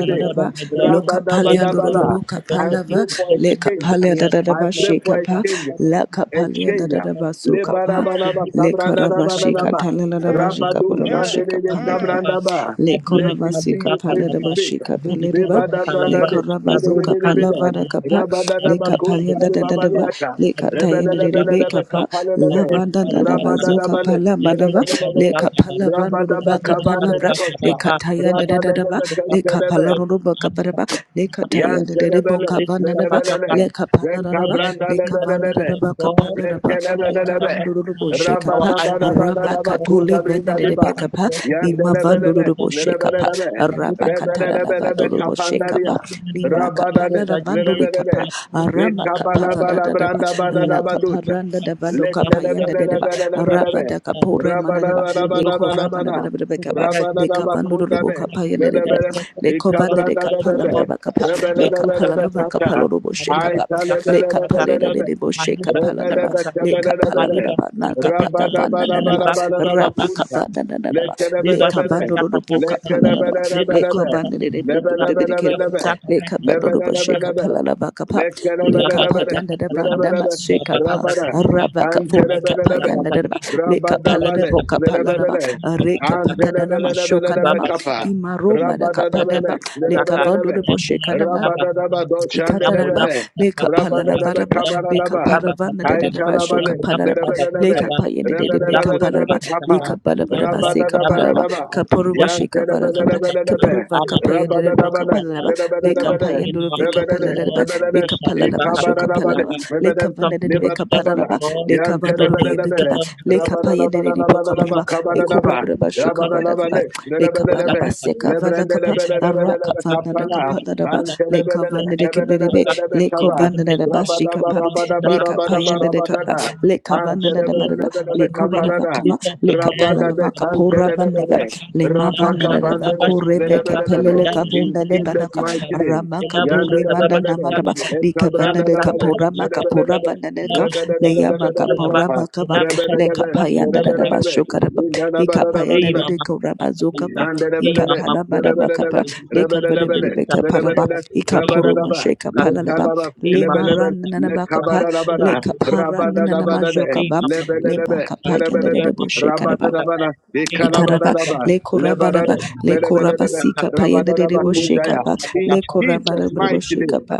my Lord and my God. Lo You said you send us rabadabalabala. Kapaliandorobo, to help us I to keep Kapalava, pray the for a Le blessings. change. We are I Kapaliandaraba, thankful, pray Lord. for We a Shekapa, thank change La you exchange. Kapaliandaraba, So Le for us. Kapa, barabana Should ba we pass Le the kabranda na ba blessings, na Karabashi, Lord. na ba. Katalabashi, Labo Rabado likalo Kaporoboshi, jandele le Kapalaba. bakalaba. kabranda Le Labo let me likalo see Koramasika you face to bakalaba. Palereba face. Shika Labo likalo Palereba, Le bakalaba. Rebadabradade, Labo Koramazuka likalo rebedebedebeda, Palavana bakalaba. Kapa, Le Labo rabadadabakon, likalo kapayanda da da da bakalaba. ba talibabaliata, Le Labo Katayan likalo Rebe bakalaba. Kapa, rebelelebelelebekapalelebe, Labo Lavanda likalo bakalaba. Dadabazuka ba rabadadabale, Labo likalo Le lelelelelebe, bakalaba. Kapalavanuraba Labo likalo Kapalabra, Le rabadabakabandelebosha, bakalaba. katayanda da Labo da da ba likalo Le rabadelebekentelebe, bakalaba. Kapalanuba Ali Kaparaba, kaka Le kaka kaka. Katayana Rebo Yantelebele, Ele kaka Kavanaba, kaka kaka. lebelele, leka If you palaraba realize the rekabranda sin leka that you have lebelelebe, done, vandaraba God, kapalaraba leka rekelebelelebe, vandorobo our shekapa eyes and rava fingers rabadabadabadaba, are open, Lord. katole kunda We brinda can't venenebe diba, stand kapa for us with your lima goodness, yandelebelele, with vandorobo your faith, shekapa Lord. lebelelebe, And look rava at us, katara rebelelebelebe, lavandorobo We can shekapa kapandaria, see in the limra life of your kapala rabadade, daughter, Jesus. lavandori lebelele, kapa Now, look at rama us, at us, at us, kapala at us. rekabalabala, dadaba branda In us, at la badadabadusha, kaparanda davando us, at us, kapayanda dadaba rava lekelebelelebelelebe, da kapora manadeba so le global, koraba na rabadabadabadabadabada, bana it's bana so bekaba global, it's le so kabando do rabadabakunda bo be, kapa global. yele de That lebele, just as le you us, kovande de ikabranda that you kapa la lebele. brought, bana kapa we leave le our foot kapa at la na kapa Rebelebelebelebelebe. lo bo she Mali kapa kuta kata le kapa kata le de ka. Aitalebelebelebelebe. de bo she Maliba kapa la kuta na ba kata ka. le kapa la Rebelebelebelebele. na Maliba ba kuta na kata kapa ka. da ba na na na ba Shaliba kuta la ba rapa kata Rabadabadabadabadabakunta. kapa da na na kata na ka. ba le Deba shu Lekelebelebele. kabando kata do kata bo kata kapa la ka. na ba Deka le tu Lekelebelebelebe. ba kovande kata de de kata de ka. de de Ba de Lebelebelebelebe. le kabando do bo she Lebelebelebe. kapa la na ba kapa Di le baba kapa Lekelebelebele. kata kata yanda da ba kata, na ma Lebelebe. di she baba kapa kata kata Rabada. kata, raba di kapa le baba kapa kata Antelebelebe. yanda kata da ba kata, di leka baba palada Rabadabale. kata voka kata kata, palaraba Lebelebe. di baba reke kata kata kata, patadanama di Antelebelebelebe shokanama baba kata kata kata, kapa. imaroma da di baba Rabadabele. kapadaba leka vando Lebelebe. de bosheka nama kata kata Rabadadaba kata, Yang bola Ikataraba, doshandelebele. kata kata Leka kata, Rabadadaba Palarabarabra, yang bola Leka kabaradaba. kata kata Paravana de kata, Deva yang Shoka Aitalabale bola kata Palaraba, kata Leka lebelelebe. kata, Payene yang de bola Beka kata Rebelelebelelebe Palaraba, kata kata, Leka kapa. yang Balabaraba, bola Seka kata kata Parava, Rabadadabadadaba. kata, Kapuruba yang Sheka bola Varakabra, Yantelebelelebelelebe. Kapuruva Kapaya de kata Raka Rabadadabale kata kata, Yang Yabba, Palaraba, do Leka lebelelebele. something in Payenduru our Veka lives, O Rebelele Lord. Palaraba, rebelele. Leka Palaraba Shoka Ikabaradabale Palaraba, Ishalibakatapakapa. Leka rebelele Vana de Something in my Beka life, lebadabala. Palaraba, Lord, Leka in the Vanduru name of the Yantelebelelebele. Vekaba, Lord Jesus. Leka Payene de Boka the Rabadadabadadabadadaba Palaba, lekatukatapa, Lekobra kabaradaba. Braba Shoka Vadakaba, Rabadadabale lekatukatapa, Leka Paraba lebelelebe. Seka Vandakapa, Araka Lebrendelebelelebelelebe lekatukatapa, lekatukatapa, lekatukatapa. kapala. The Vandakapa, kata le kata, Antelebelele, the kavanda de kata keblerebe kata, the kata kata, the kata kata. lebelelebelelebe le The kaba, good kovanda da maker, bashi rabadaba, the kapa good sinner, rabadaba, le rabadaba, kapayanda de kapa rabadaba, Ashalikatapa, le our kavanda da slave, barada our le antelebelelebelebe kobara glory, kaparada, bakava lift up le our heads, kapala la rabadabe, vaka Abulu pora baneva santelebelele, Katukatapa, le Ilamu mavanda rapaka da da Shantanaba pandele, korebe Shantalapa, lebelelebe. kepelele Ilamu In kavunda de Jesus' banaka mighty Shantanaba name. ramaka Elabo pore manda Shantalaba Yandelebelelebe, namadaba Shantalaba, le kavanda Elabo de ekabrandadabele, Santalaba kapora Shantalaba, makapora lebelelebe, vanda de ka Elabo le Shantalaba yama lebelelebelebe Shantalaba, kapora kapa, makava Elabo le rebelelebe, Shantalaba kapayanda da da Shantalaba, lebelelebe, bashuka da le kapayanda Eyi indalabadabadada. de Mama Kuta koraba zuka Pataka, ba And the Eyi Rabbanet, Mama ikapala the Kuta baraba kapa Pataka, Rabbanet, le Eyi kavanda Mama de Rabbanet, Kuta beke paraba. Please, Pataka, Rabbanet, Ikaporo Rabbanaba, masheka palalaba Lekanaba, Eyi le Mama maran Lebelebe, Kuta nanaba Pataka, kapa Eyi le Lekabarabana, Mama Kuta Pataka, kapara nanama Rabbanabane, Eyi jokaba Mama Kuta Pataka, le Lebelebe, bakapa yanda de Lebelebe, Eyi debo Mama Kuta Pataka, daba Rabbanabana, Eyi Mama ikaraba Kuta Ikanabanaba, Pataka, le koraba daba Eyi Mama Lebanade, le koraba Lebelebe, Kuta Pataka, sika pa yanda de Rabbanaba debo Amen. Kundaya. ba In le koraba Jesus' debo mighty sheka name, pa.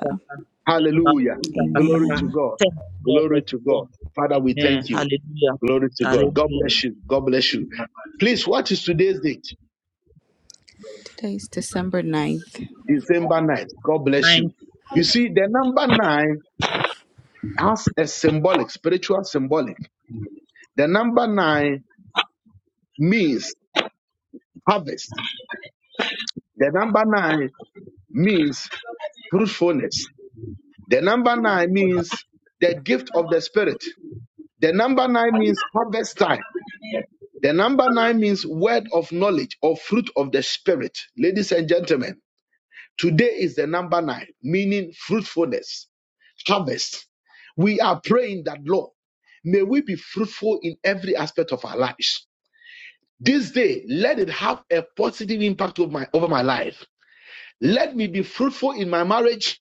hallelujah. Glory to Amen. God. Glory to God. Father, we thank you. Hallelujah. Glory to God. God Hallelujah. bless you. God bless you. Please, what is today's date? Today's December ninth. December 9th. God bless Nine you. You see, the number nine has a symbolic, spiritual symbolic. The number nine means harvest. The number nine means fruitfulness. The number nine means the gift of the spirit. The number nine means harvest time. The number nine means word of knowledge or fruit of the spirit. Ladies and gentlemen, Today is the number nine, meaning fruitfulness, harvest. We are praying that, Lord, may we be fruitful in every aspect of our lives. This day, let it have a positive impact over my, over my life. Let me be fruitful in my marriage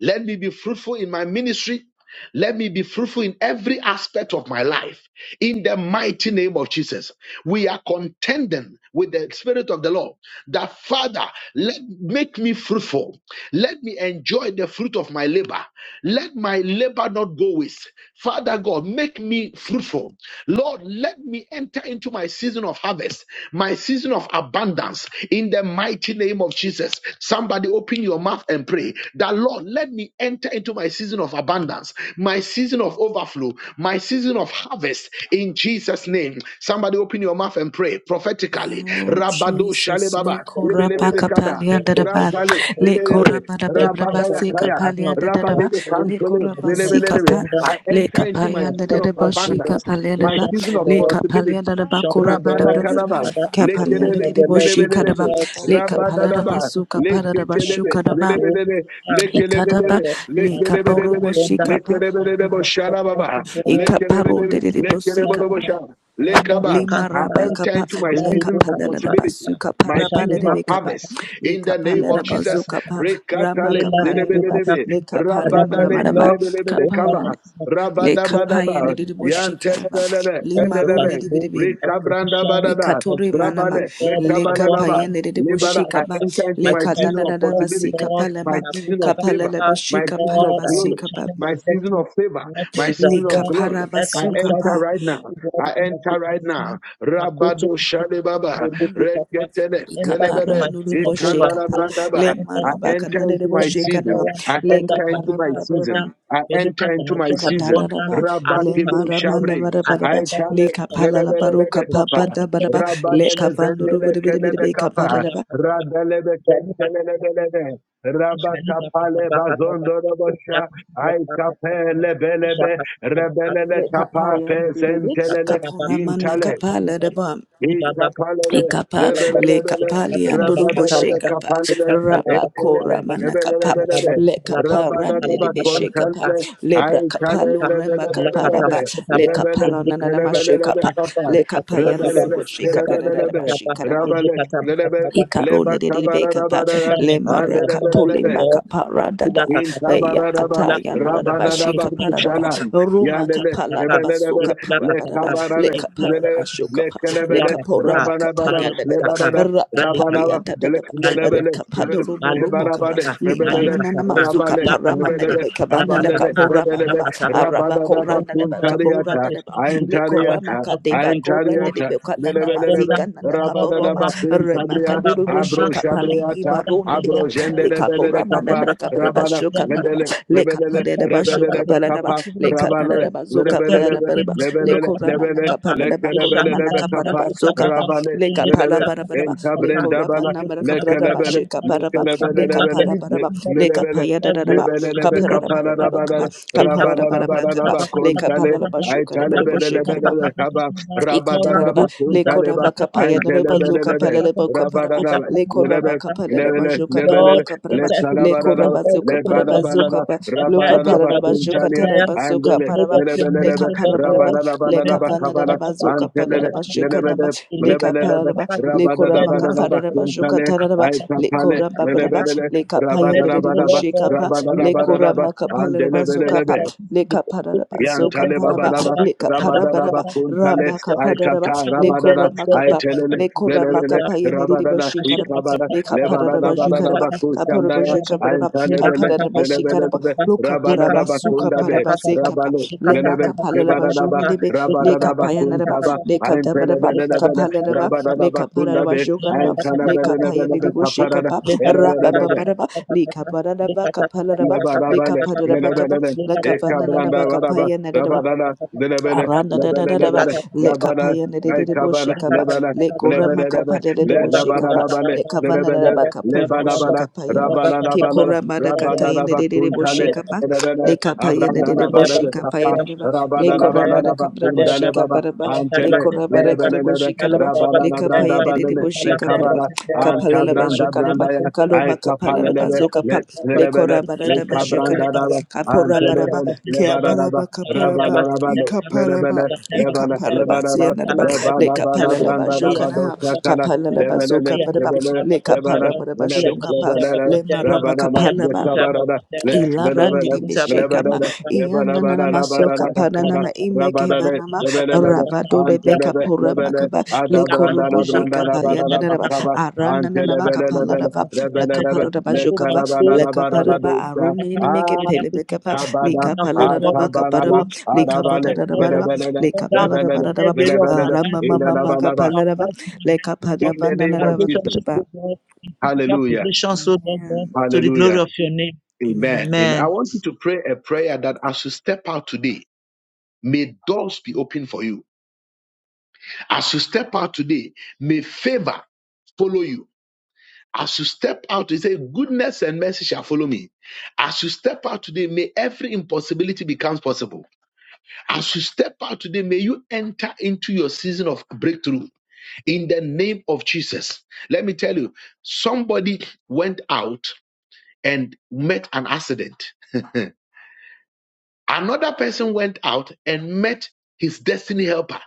let me be fruitful in my ministry. Let me be fruitful in every aspect of my life. In the mighty name of Jesus, we are contending with the Spirit of the Lord that Father, let make me fruitful. Let me enjoy the fruit of my labor. Let my labor not go waste. Father God, make me fruitful. Lord, let me enter into my season of harvest, my season of abundance in the mighty name of Jesus. Somebody open your mouth and pray that, Lord, let me enter into my season of abundance, my season of overflow, my season of harvest in Jesus' name. Somebody open your mouth and pray prophetically. Oh Rabado shale Jesus, le baba, lebe lebe koraba Therefore, lebe kada, in kapalia da da the ba, name of rapale, Jesus le Christ, koraba da let da me da ba enter si into my season kapalia of da da da ba, overflow, le kantole, my koraba season of si lebe lebe. kapa, abundance, I le enter my into season my kapalia of da da season of da ba success, O shi abundance God, in kapalia da my ba, patience, O season of le Lord, in kapalia da possibility. da ba provision, O koraba da Rabada da Lord. da ba, Kanama, Father, beautiful in the kapalia name da Lekelele, da of da the ba Lord shi Jesus kada ba, Lelebelebe, Christ, God le Lord, kapalia help da me to ba Rabadadaba, su enter my kapara da ba season of shu Lekelebe, kada ba. overflow, Lelebelebe, ah, my season of, Ikadaba, Lekelebelebe, uh, my Lika season of Boromo Lekelebelebe, abundance, Shikapa, my season Lekelebelebo of success, Shalababa, O God, in Ikaparo Lekelebelebe, de patience, O Lekelebelebo Bosika, Lord. Shal, Maria Lekaban. Lima Bukata I raba Baba, enter kapa into in my le Bali season kapa of le la ba possibility. su Bukata kapa My raba le season de of kapa Shalimakutaka, harvest le in the kapa le name de of ba Jesus. Ibakatakata, kapa rama Rekatale, kapa ya de ba Lelebelebe, Elakatukataka. le kapa ya Father, ba da trust ba Rabadale, you, da ba Lord, to Lelebelebe kapa open ya the Kaba, seal of le kapa ya Rabadabadaba, ne de heaven de of bo Yantelebelele, of lima ro me de penelebe, be de overflow, be of rikabranda provision, badada, of ikatore season, manama O brabale, God, of le kapa rekabalaba, ya abundance, le de de O libada. I kapa Kakaka, enter into le my mighty of kada season da of da basi ba surplus, si possibility, kapa Lord, le ba my season of kapa le favor, le ba Kakaka, shi my kapa season ra Lord, of I am si a glory, kapa channel of my season blessing, of favor, not a my le season of reservoir, kapa ra glory. that ba I I su can reach out kapa to enter right people now. to God who I can also enter right bless me, now. Makoto, Rabado Shalebaba, Kakaka, Reketele, enter into Ikapara Lelebele, my nuru season of bosheka Ikandala pa overflow, le I Brandaba. enter I into maraba my season enter of kanare de into my abundance, bosheka na season. all around I le abundance, enter into kapara my financial bara bara ba season. abundance, I Meluka, enter into my Tamatra, season. ikadara da abundance, ba and le Rabatibro Luka, marama na Shabre, bara I bara ba I enter tell into le it, the seat of kapala la sickness, baro Lelebelebe kapapa position Kapa, da bara sickness, ba in le Rabadele position kapanduru Zendele bere bere bere Kelebe be kapala Kapa, da ba Radelebe sickness, Kentelebelebe, Thank Rabakapale Bazondo Robosha, I Kape Lebelebe, Rebelele le Kapa kapaya de de de be Pesentelele, kapora mana kapala da ba Ikapalele, Ikapa le lebelelebele, kapa liandoro boshe rabadadada kapa kapalele, raba entelele, kora mana kapa lebelelebelebe, le kapa randi de rabadadaba beshe kapa kontanle, le lebra kapa aitale, lo rema kapa raba lebelelebelebe, le rebele, kapa na na na mashu lebelelebe kapa kapal, le kapa into this yandoro rebelele, season. boshe kada da da da lebelelebe, bashi rabale, lebe, leba Ikarone de de bekapa kabarabadara, le marakato le andelebelelebe, you. makapara Ikula dada in katata, ya Tabaraba, ikula kataya na bashika parada katata, ba shi ka Rabadaraba, ikula para da ba katata, Shalam, roma ikula Yandele, kapala katata, da basoka Rebele, ikula para Le barada Into katata, this le Tabarale, season ikula kapala da katata, bashoka Le pa le ikula Kelebele, kapora katata, makataya Rabanabana, bale dada ba kataka, Lebanada, bale rakapali kataka, Rabanava, anda dada ba Elekinebele, that Malikatata, I rekapalo lo moromo kaba malikatata, Ebanabade, liba Rebele, nana na na malikatata, mazuka Rabale, parama na lakatata, de Rebele, continue. bekavana da Abandele, lakatata, kapora bada Rebele, ba lakatata. araba We Rabadaba, all korana da thank ba our kapora sisters, Kuntariata, the dada ba I am family, le our korama Tariata. sisters who I kadeba got am korana flow, de Tariata, sisters bekadana of Lelebelebe, mazika abundance, who nana got up Rabadaba around, Kun financial Tabria, Remakadoro Abro abundance, Sheka we Pali have Iva Shabriata, abundance in Ronedida, the Abro world. Lekapora Jendelebele Papa, Manabraka Rabala, Shoka It's a Nadaba, Lebele, Lebele, Mika Lekapadeba Rebele, tikata Shoka Lebe, pete Paladaba, Kappa, etubu na Rabale, steples Lekatadaba Zoka efe Lebele, Lebe, bete Paladabaraba, makulo Lebele, kata Lebele, Lekoramanaka kuyapa Paladaba, Lekelebele, eşali Lebe, Koramanaka bali Kappa, Paraba basi Zoka, tanama Rabale, ile Lekapala Lebe, pita kata Barabaraba, Enta kata ka Brenda Bala, ile Lekoramanaka pita kata Bradaba Lekelebele, kata Sheka ka Paraba, eşanol Lekelebele, makeniz Lebele, Lekaparabaraba, bütün da because he Lebele, serve you Lekapayadaba, Lebele, Lebe, abolo Kappa, kata Kaparabaraba, kata ka Rabala, ela Kapala Rabala, kata kata Rabala, Barabraka, kata Rabala, baka kata Kontale, kata Lekapala ba Bashoka, ala Berebo Aitalebele, kata Sheka. baka Lebele, kata Kaba, kata ba Rabada, ora Ikataraba, Rabala, breakthroughs are Kontaleba, Lekoraba kata kata Kapaya, ka Nereba ela Aintelebele, Zuka kata Lebe, kata Palaleba ka Rabada, Kaparaba, ela kata kata Lekoraba Lebe, Kapalaraba this Lebe, is Zuka Paraba Lebele, Lord, Kaparaba, enter into this season Lebele, of Lekoraba God. Zuka Open up Paraba your Zuka Lebalabalala, Ba, Satisfy every of Rabalaba our Paraba good heart Zuka Kuntalia, desires Taraba to Zuka the Andele, glory Paraba, of your name, Leka Lebelebe, O Lord Parabaraba, God. The Leka men Rabalabalaba have to tap, Kabala, tap, Panaraba tap, Zuka tap, tap, Antele, Paraba tap, tap, tap, Zuka tap. Naba, Lebele, The lady Leka tap, tap, Lebelebe, tap, Paraba, tap, the proposal Rabanana in Lekorama the house of banana the Kaparaba Lord. Zuka Kuntale, Taraba, tap, tap, tap, Aitapale, tap, tap, Lekoraba tap, tap, Baraba, tap, tap, Lebele, tap. Leka Paya Connecting, O Nerebo Rabalabalaba, Lord God. Shekapa, look, tap, tap, tap, Rabalabalaba, Lekorama tap, tap. Kapalaraba the Zuka Pa, festival, Andelebelebe, the Leka book, Paraba the Zuka president, Yantale for Paraba, Babaraba Abuja, Leka and that Rabadaba Kuntale is your Ramakapadaraba, Aikata I will Leko get Rabadana the Ramakapa, Aitelele Leko Velevele Ramakapa lapu Yeneribo Rabadana Shikarab, ashika Ikabara kata Leka kata Lebanada Padaraba ikamu Jukaraba, Badanaba kata kata kata Kaparabo Kusandaya yaba Jekabaraba, bila Aintalebele kata kata Kapadaraba Velevele kata Shikaraba, kata Loka beka Rabanada Paraba, kata kata Suka Bakundabe Paraba kata kata Zekapa, Rabale shika kata Veleve Lemaka kata kata Palaraba Lebanaba kata Junidebe, beka kata Leka Rabadana kata Payanaraba, Bakuntaba Leka Dabaraba, leka kata Aintelebele Kapalaraba, Rabadana Leka Paraba Bakundabe leka Jokaraba, kata Leka Aintalebele Payaneribo Kaparada Shekapa, leka kata Rababaraba, Leka Padaraba, leka kata Kapalaraba, Leka Lebarabale, Padaraba Kapa, lebelele, leka kata Leka ekabranda Bananaba baraba, Kapayanaraba. Thank rabadala, lebele, Aranda da da lebele, da da ba lebele, le rabada, kapaya ne de de de bo ekabala, shika ba lebele, le korama lebelelebe, kapa de de de le bo shika ba labarabale, le kavana da da lebele, ba kapura bo shika lebalabala, pa ya da ba ke rabalabala, porama da kata ya ne rabalaba, de de de bo kuntale, shika ba le lebele, kapaya ne abranda de de bo labalebe, shika pa ya papa, de de ba le korama da rabalabalabalaba, kapra bo kundale shika baba, ba da ba le antele, korama da kre bo lebelelebe, shika da ba le kapaya rabalalabranda ne de de balele, bo shika ba da ba lekabala, kapala la la ba antabranda shika da ba brandaya, kaloma kapala la la ba aikapalelebe, zoka pa le- le lebele, korama da da ba shika da ba you. Rekabrandaraba, kapora Kala ba da ba Saba Antelebele, ke Sintaba, apara Lebaranaba, ba Kala kapara ba Saba Rabalarabale, Sintaba, Ikaparaba, Lebele, Kala Saba Lebele, Sintaba, ikaparaba, Lebarana, siyanaraba, Kala Saba Lebarabana, Sintaba, lekapalalaba, iya Brandaraba, jokana, Masun Saba Dosakana, Sintaba, kapalalaba, Lebele, iya zokabaraba, Masun Lebele, Saba Lebana, Sintaba, lekaparaba, iya Lebele, Masun shonkapa, Saba Lebele, lemaraba, Rabanana, kapalaba. Yetabarana, Sintaba, Let, Lebele, Ilarandini bishekama Lebele, iya iyanana Lebarabana, masoka Rabanana, Kaba, paranama Rabanane, imekevanama Lebele, ravado rebeka Antelebe, pora Lebele, makaba le korobo Adabrandana, jeka Brandarabana, payananaba Kaba, Lapata aranana Allah Antelebele, Kataka, Lebele, makapalaraba and Lebele, Tato lakaparaba Sako jokava Baku, and Luka lakaparaba Lekanabanabananadosa. Kataka, arunini meke Ah, the Nakutaka, pelebekapa kabada, the ah, God of likapalaraba the kabanala, kaparaba food, the arabale, softness, likavananaba rebelele, the rebelele, in lekapalarabaraba every area of our rebelele, life, arama oh mama God, in indanabanaba. our makapalaraba life, in our health, oh God, In lekapanaba the in name our of nanaba Jesus. relationship, kaparaba oh God, in physical Hallelujah. possessions, oh Lord God, amen to the glory Hallelujah. of your name. Amen. amen Amen. I Amen. want you to pray a prayer that as you step out today, may doors be open for you. As you step out today, may favor follow you. As you step out, you say, Goodness and mercy shall follow me. As you step out today, may every impossibility becomes possible. As you step out today, may you enter into your season of breakthrough in the name of Jesus. Let me tell you, somebody went out and met an accident. Another person went out and met his destiny helper.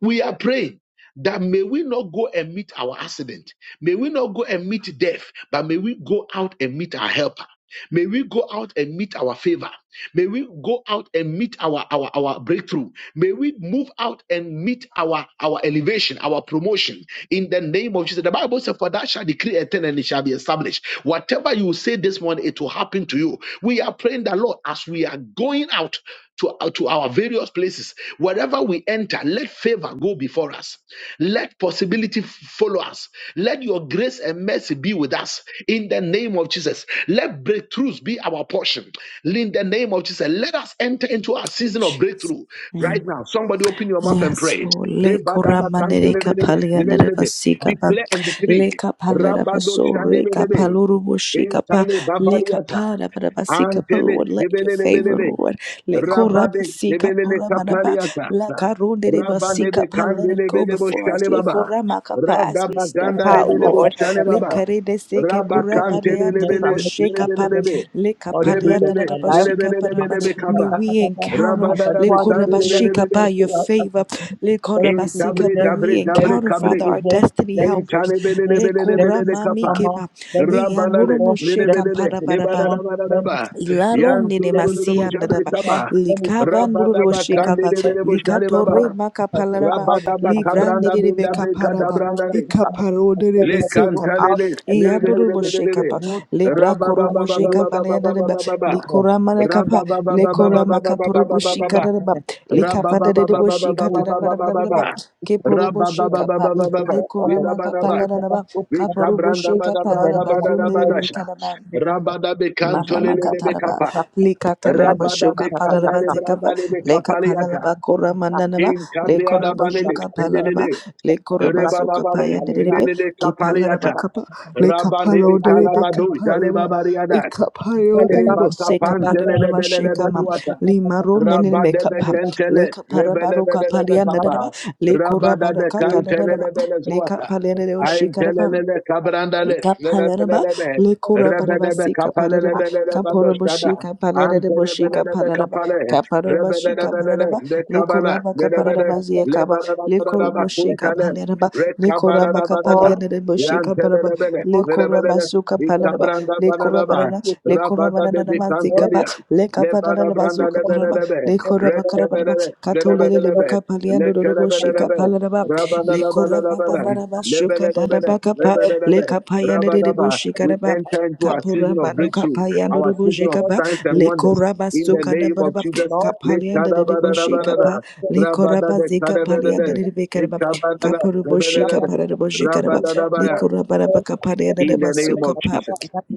We are praying that may we not go and meet our accident. May we not go and meet death, but may we go out and meet our helper. May we go out and meet our favor. May we go out and meet our, our, our breakthrough. May we move out and meet our, our elevation, our promotion in the name of Jesus. The Bible says, For that shall decree a thing and it shall be established. Whatever you say this morning, it will happen to you. We are praying that, Lord, as we are going out to, uh, to our various places. Wherever we enter, let favor go before us. Let possibility f- follow us. Let your grace and mercy be with us in the name of Jesus. Let breakthroughs be our portion in the name of Jesus. Let us enter into our season of Jesus breakthrough right now. Somebody open your mouth and Yes, pray. Lord. Le Declare koramaneka palianere basika pa. and decree. Le kapalera Rabado basore shandebelebe. kapaluru bushika pa. Entale Le babariata. kapara para basika pa. Antele, Lord, let your debelele, favor, belele. Lord. Le Rabade korabasika Nebelele poramana ba. La Kapaliatasa. karundere Rabade basika pa. Let Bekande it go Nebelebo before us. Shale Le Baba. koramaka pa as we step Radabaganda out, Nebelebo Lord. Shale Le Baba. karede seke Let me shake Rabakante of goodness porabareandere and Nebele mercy shall bushika pa. follow me Nebelebe. Le all the days of Rebelele kapalianere my life. basika pa. Nebelebe Makoto kata May Kaba. kata we kata. encounter. As I Rabada go out Bekante today, let Likorabashika, by goodness Nebele. go your out after favor. me. Let me see Likorabasika, Intabre may goodness. we Dabre Let me Dabre encounter, see Father, Kabre. our favor. destiny Let me see helpers. goodness. Let me Intalebelelebelelebelele see kapa. honor. Likoramamikeba. Let me see Rabanane, favor. Let Eyanurumosheka, me see lebelele, parabaraba. promotion. Let me lebananabananaba. see Ilaro promotion. nene Let me see Yanturuburubu masia nadaba promotion. jabritaba. Let me see likava goodness nururu from Rabadaba men. shekava Let kandelebelebo me see favor. likatore shalebaba. As I go makapalaraba out, Rabadaba as I livra go kabranda nene out. bindabe I bekaparaba just against kadabrandane. them go out, ikaparo nene against Le them they go besekapa out, kantalele, everyone connected iyanururu to this like shekapa lebelelebelelebe. mood as lebra they go out koromo today, shekapa nene Rababababababababababababa. football, likora manakapa the lekora men, the makaporobo people who Rababababababababababababa. are shikaraba men, Rabababababababababababa. the likava nene football, people will say boshikadaba us, Rababababababababababa. the keporobo football, shekapa who will favor Rabababababababa. lekora football, the Lidabanaba. people that makapalaraba go to Vika kaporobo branda today. bada shekapa in the branda name of bada the da Lord badasha. Jesus, nene we pray, pata, Rabada bekanto Marama lelele pata, pata, kataraba bekapa. pata, lika pata, telereba Rabada pata, shuka pata, bekanda pata, palaraba le pata, branda zikaba le all down leka bekapaliata. palaraba kora the mandanaba In kabria lekora da balele bajuka palaraba pedelele. lekora Rebada bazuka balele paya derebe pedelele ki palaraba kapaliata. kapa leka Rabane paro bekala derebe bado jale kaparaba babariada. eka paro derebo Reba seka kapantele palaraba sheka lebelelebe mam kuata. limaro nenene Rabba me debe kapa kentele leka paraba roka lebelebelebe palia kapa. dereba Rebakapantelelebelelebekwata. lekora baraka Rabadebekentele, rebelebelebekapa. dereba leka Rabadabekantelebezuata. palia derebo shika Aintelelele kabrandale, Ikapalaraba, lelebelebe. lekorabaraba, sikapararaba, Rebelebekapalelebelebadostada. kaporoboshi, kapalareboshi, kapalaraba, Antelebelebekapale, kaparabashi, rebelebelele, kapararaba, lekabala, lekoraba, lelebele, kapararaba, ziyakaba, lekoroboshi, lebarabarabakuntale, kapalaraba, lekoraba, rekabarabarabara. kapalareboshi, kaparaba, Yantelebele, mountains lekoraba, lelebelele, sukapalaraba, ikabranda lekorabarana, Rabada de lekorabananaba, zikapa, Vicantolia, Lebada lekapananaba, Branda zukaparaba, Lebelebe, lekoraba, karabaraba, Rekabelebe, katolelelebu, Lebelebe, kapaliandorororoboshi, Lekelebelebe, kapalaraba, and the Rabada lekoraba, for me Labala, to babaraba, come to Lebelebe, shukadaraba, the kapa, Lord le because Lebelebe, kapaya I de know de it's Rabadaba. boshi We karaba enter into our kapura season of banu breakthrough, kapaya the de de our season boshi of Lord kaba signs and le wonders. koraba In the Jesus suka de name of baraba Jesus, Lord, kapalia de in de the name of boshi the Lord kapa Lekadabadabadada, Jesus, le Rabada koraba de zika palia de Kadabede, de bekaraba Lekabadada, kapuru the boshi Lebelebe, kapara de boshi karaba le Lord, Rabadadabaya. koraba raba kapalia de In the name of Jesus. in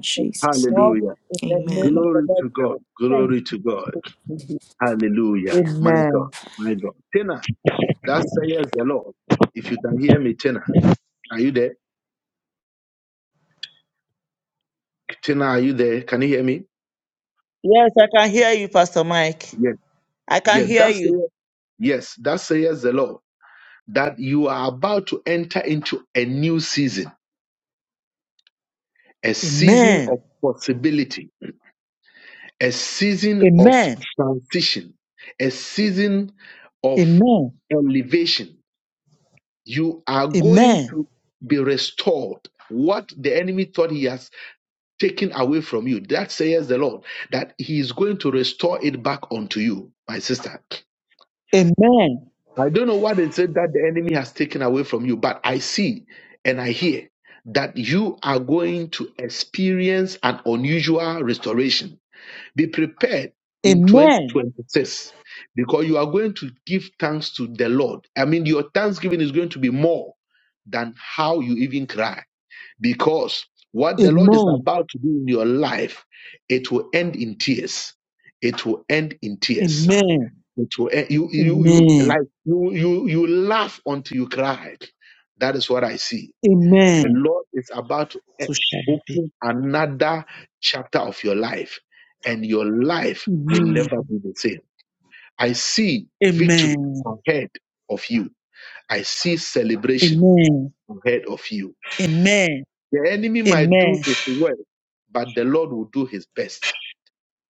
the Jesus Lord, name Hallelujah. in the name of amen the Glory Lord to God. Jesus. Thank Glory to God. you. Hallelujah. My God. Amen. My God. Tina, that says the Lord. If you can hear me, Tina, are you there? Tina, are you there? Can you hear me? Yes, I can hear you, Pastor Mike. Yes. I can Yes. hear That you. says, yes. That says the Lord that you are about to enter into a new season, a season of Amen. possibility, a season of Amen. transition, a season of Amen. elevation, You are going Amen. to be restored. What the enemy thought he has taken away from you, that says the Lord, that he is going to restore it back unto you, my sister. Amen. I don't know what it said that the enemy has taken away from you, but I see and I hear that you are going to experience an unusual restoration be prepared in Amen. 2026 because you are going to give thanks to the Lord. I mean, your thanksgiving is going to be more than how you even cry because what the Lord is Amen. about to do in your life, it will end in tears. It will end in tears. Amen. It will end, you you you Amen. like you you you laugh until you cry. That is what I see the Amen. Lord is about to e- So shall it be. open another chapter of your life, and your life will Amen. never be the same. I see victory Amen. ahead of you. I see celebration Amen. ahead of you. Amen. The enemy might do Amen. his work, but the Lord will do his best.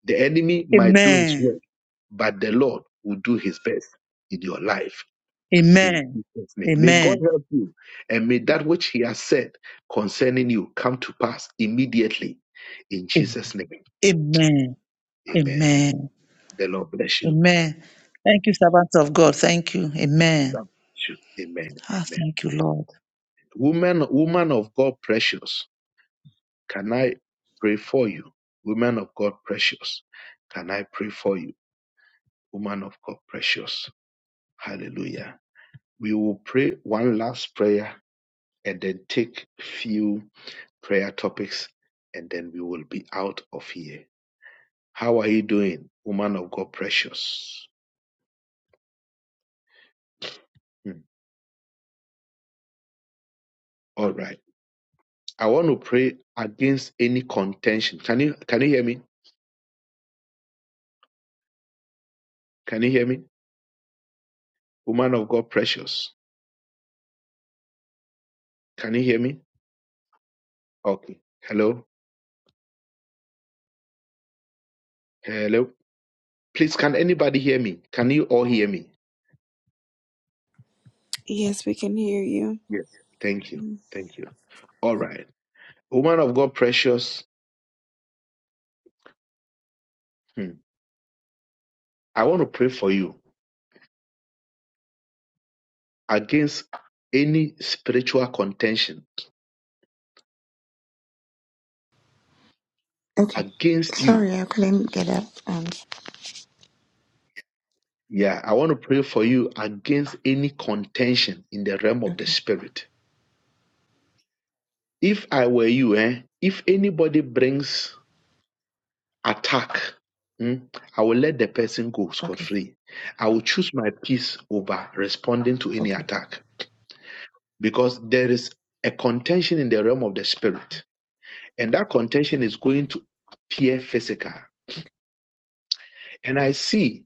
The enemy might do his Amen. work, but the Lord will do his best in your life. in Amen. Jesus' name. May God Amen. help you, and may that which He has said concerning you come to pass immediately in Jesus' name. Amen. Amen. Amen. The Lord bless you. Amen. Thank you, servants of God. Thank you. Amen. God bless you. Amen. Ah, Amen. thank you, Lord. Woman, woman of God, precious, can I pray for you? Woman of God, precious, can I pray for you? Woman of God, precious. Hallelujah. We will pray one last prayer and then take few prayer topics and then we will be out of here How are you doing, woman of God, precious? Hmm. All right. I want to pray against any contention. Can you can you hear me? Can you hear me, woman of God, precious? Can you hear me? Okay. Hello. Hello. Please, can anybody hear me? Can you all hear me? yes we can hear you Yes. Thank you. Thank you. All right, woman of God, precious. Hmm. I want to pray for you against any spiritual contention Okay. against you Sorry, I couldn't get up. Um. Yeah, I want to pray for you against any contention in the realm of the Okay. spirit. If I were you, eh, if anybody brings attack, mm, I will let the person go scot Okay. free. I will choose my peace over responding to any Okay. attack because there is a contention in the realm of the All right. spirit, and that contention is going to appear physical. Okay. And I see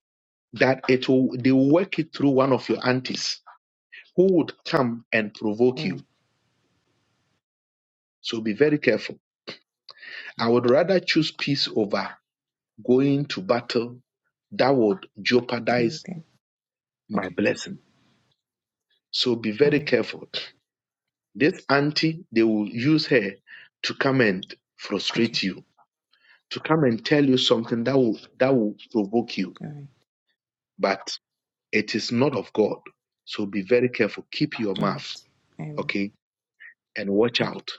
that it will they will work it through one of your aunties who would come and All provoke you. right. So be very careful I would rather choose peace over going to battle that would jeopardize Everything. my Okay. blessing. So be All very right. careful. This auntie, they will use her to come and Okay. frustrate you, to come and tell you something that will that will provoke you. All right. But it is not of God. So be very careful. Keep your All mouth, right. I will. okay, and watch Okay. out.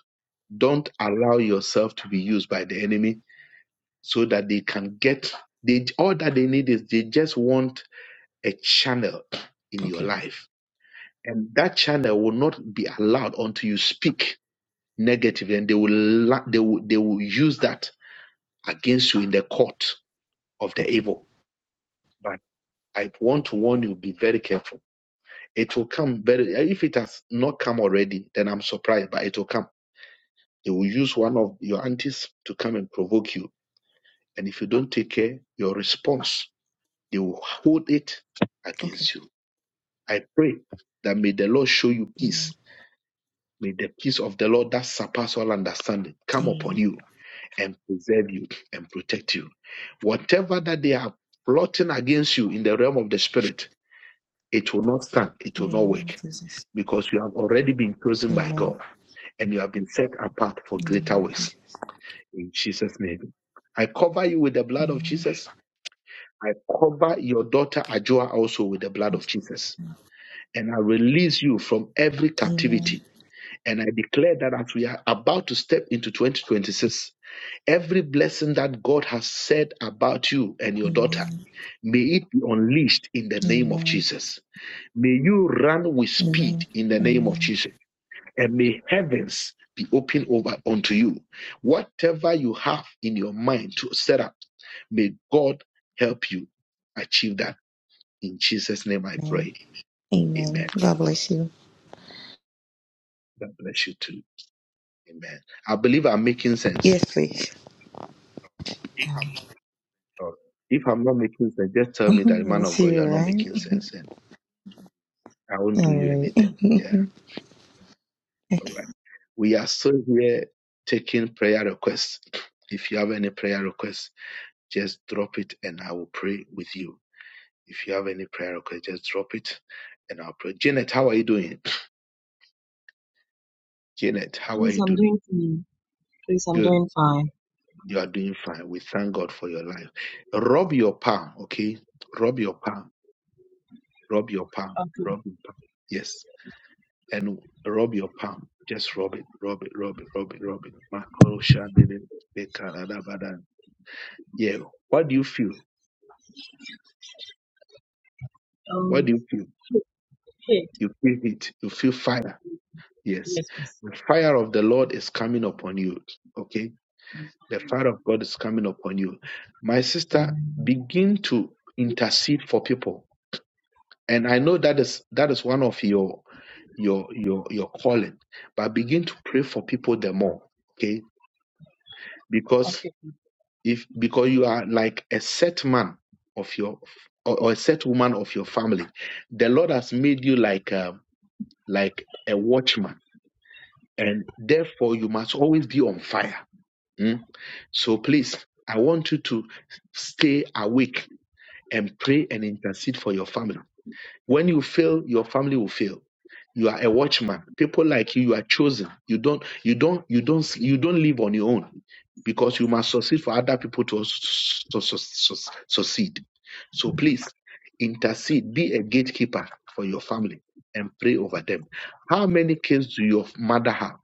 Don't allow yourself to be used by the enemy so that they can get they all that they need is they just want a channel in your Okay. life. And that channel will not be allowed until you speak negatively, and they will, la- they will, they will use that against you in the court of the Okay. evil. But I want to warn you, be very careful. It will come very, if it has not come already, then I'm surprised, but it will come. They will use one of your aunties to come and provoke you. And if you don't take care, your response, they will hold it Okay. against you. I pray that may the Lord show you peace Amen. May the peace of the Lord that surpasses all understanding come upon Amen. you and preserve you and protect you. Whatever that they are plotting against you in the realm of the spirit, it will not stand, it In will the not name of work Jesus. because you have already been chosen by Amen. God and you have been set apart for In the greater name of works Jesus. in Jesus' name. I cover you with the blood of Amen. Jesus. I cover your daughter Ajua also with the blood In of Jesus. Jesus. name. And I release you from every Amen. captivity And I declare that as we are about to step into 2026, every blessing that God has said about you and your daughter, Amen. may it be unleashed in the name of Amen. Jesus. May you run with Amen. speed in the name of Amen. Jesus. And may heavens be open over unto you. Whatever you have in your mind to set up, may God help you achieve that. In Jesus' name I Amen. pray. Amen. Amen. God bless you. God bless you too. Amen. I believe I'm making sense. Yes, please. yes, Lord. If I'm not making sense, just tell me that man of God, you are you're not making right. sense, and I won't do you All right. anything. Yeah, Okay. all right. We are still here taking prayer requests. If you have any prayer requests, just drop it, and I will pray with you. If you have any prayer requests, just drop it, and I'll pray. Janet, how are you doing? Janet, how are you I'm doing? doing fine. Please, I'm Good. doing fine. You are doing fine. We thank God for your life. Rub your palm, okay? Rub your palm. Rub your palm. Okay. Rub your palm. Yes and rub your palm. Just rub it, rub it, rub it, rub it, rub it. Makoro shandele bekarada badan. Yeah. What do you feel? Um. What do you feel? Hey. You feel it. You feel fire. Yes. Yes, please. The fire of the Lord is coming upon you. Okay. The fire of God is coming upon you. My sister, begin to intercede for people. And I know that is that is one of your your your your calling. But begin to pray for people the more. Okay. Because Okay. if because you are like a set man of your or, or a set woman of your family the lord has made you like a, like a watchman and therefore you must always be on fire Mm. so please i want you to stay awake and pray and intercede for your family when you fail your family will fail you are a watchman people like you you are chosen you don't you don't you don't you don't live on your own because you must succeed for other people to also su- su- su- succeed. So please intercede, be a gatekeeper for your family and pray over them. How many kids do your mother have?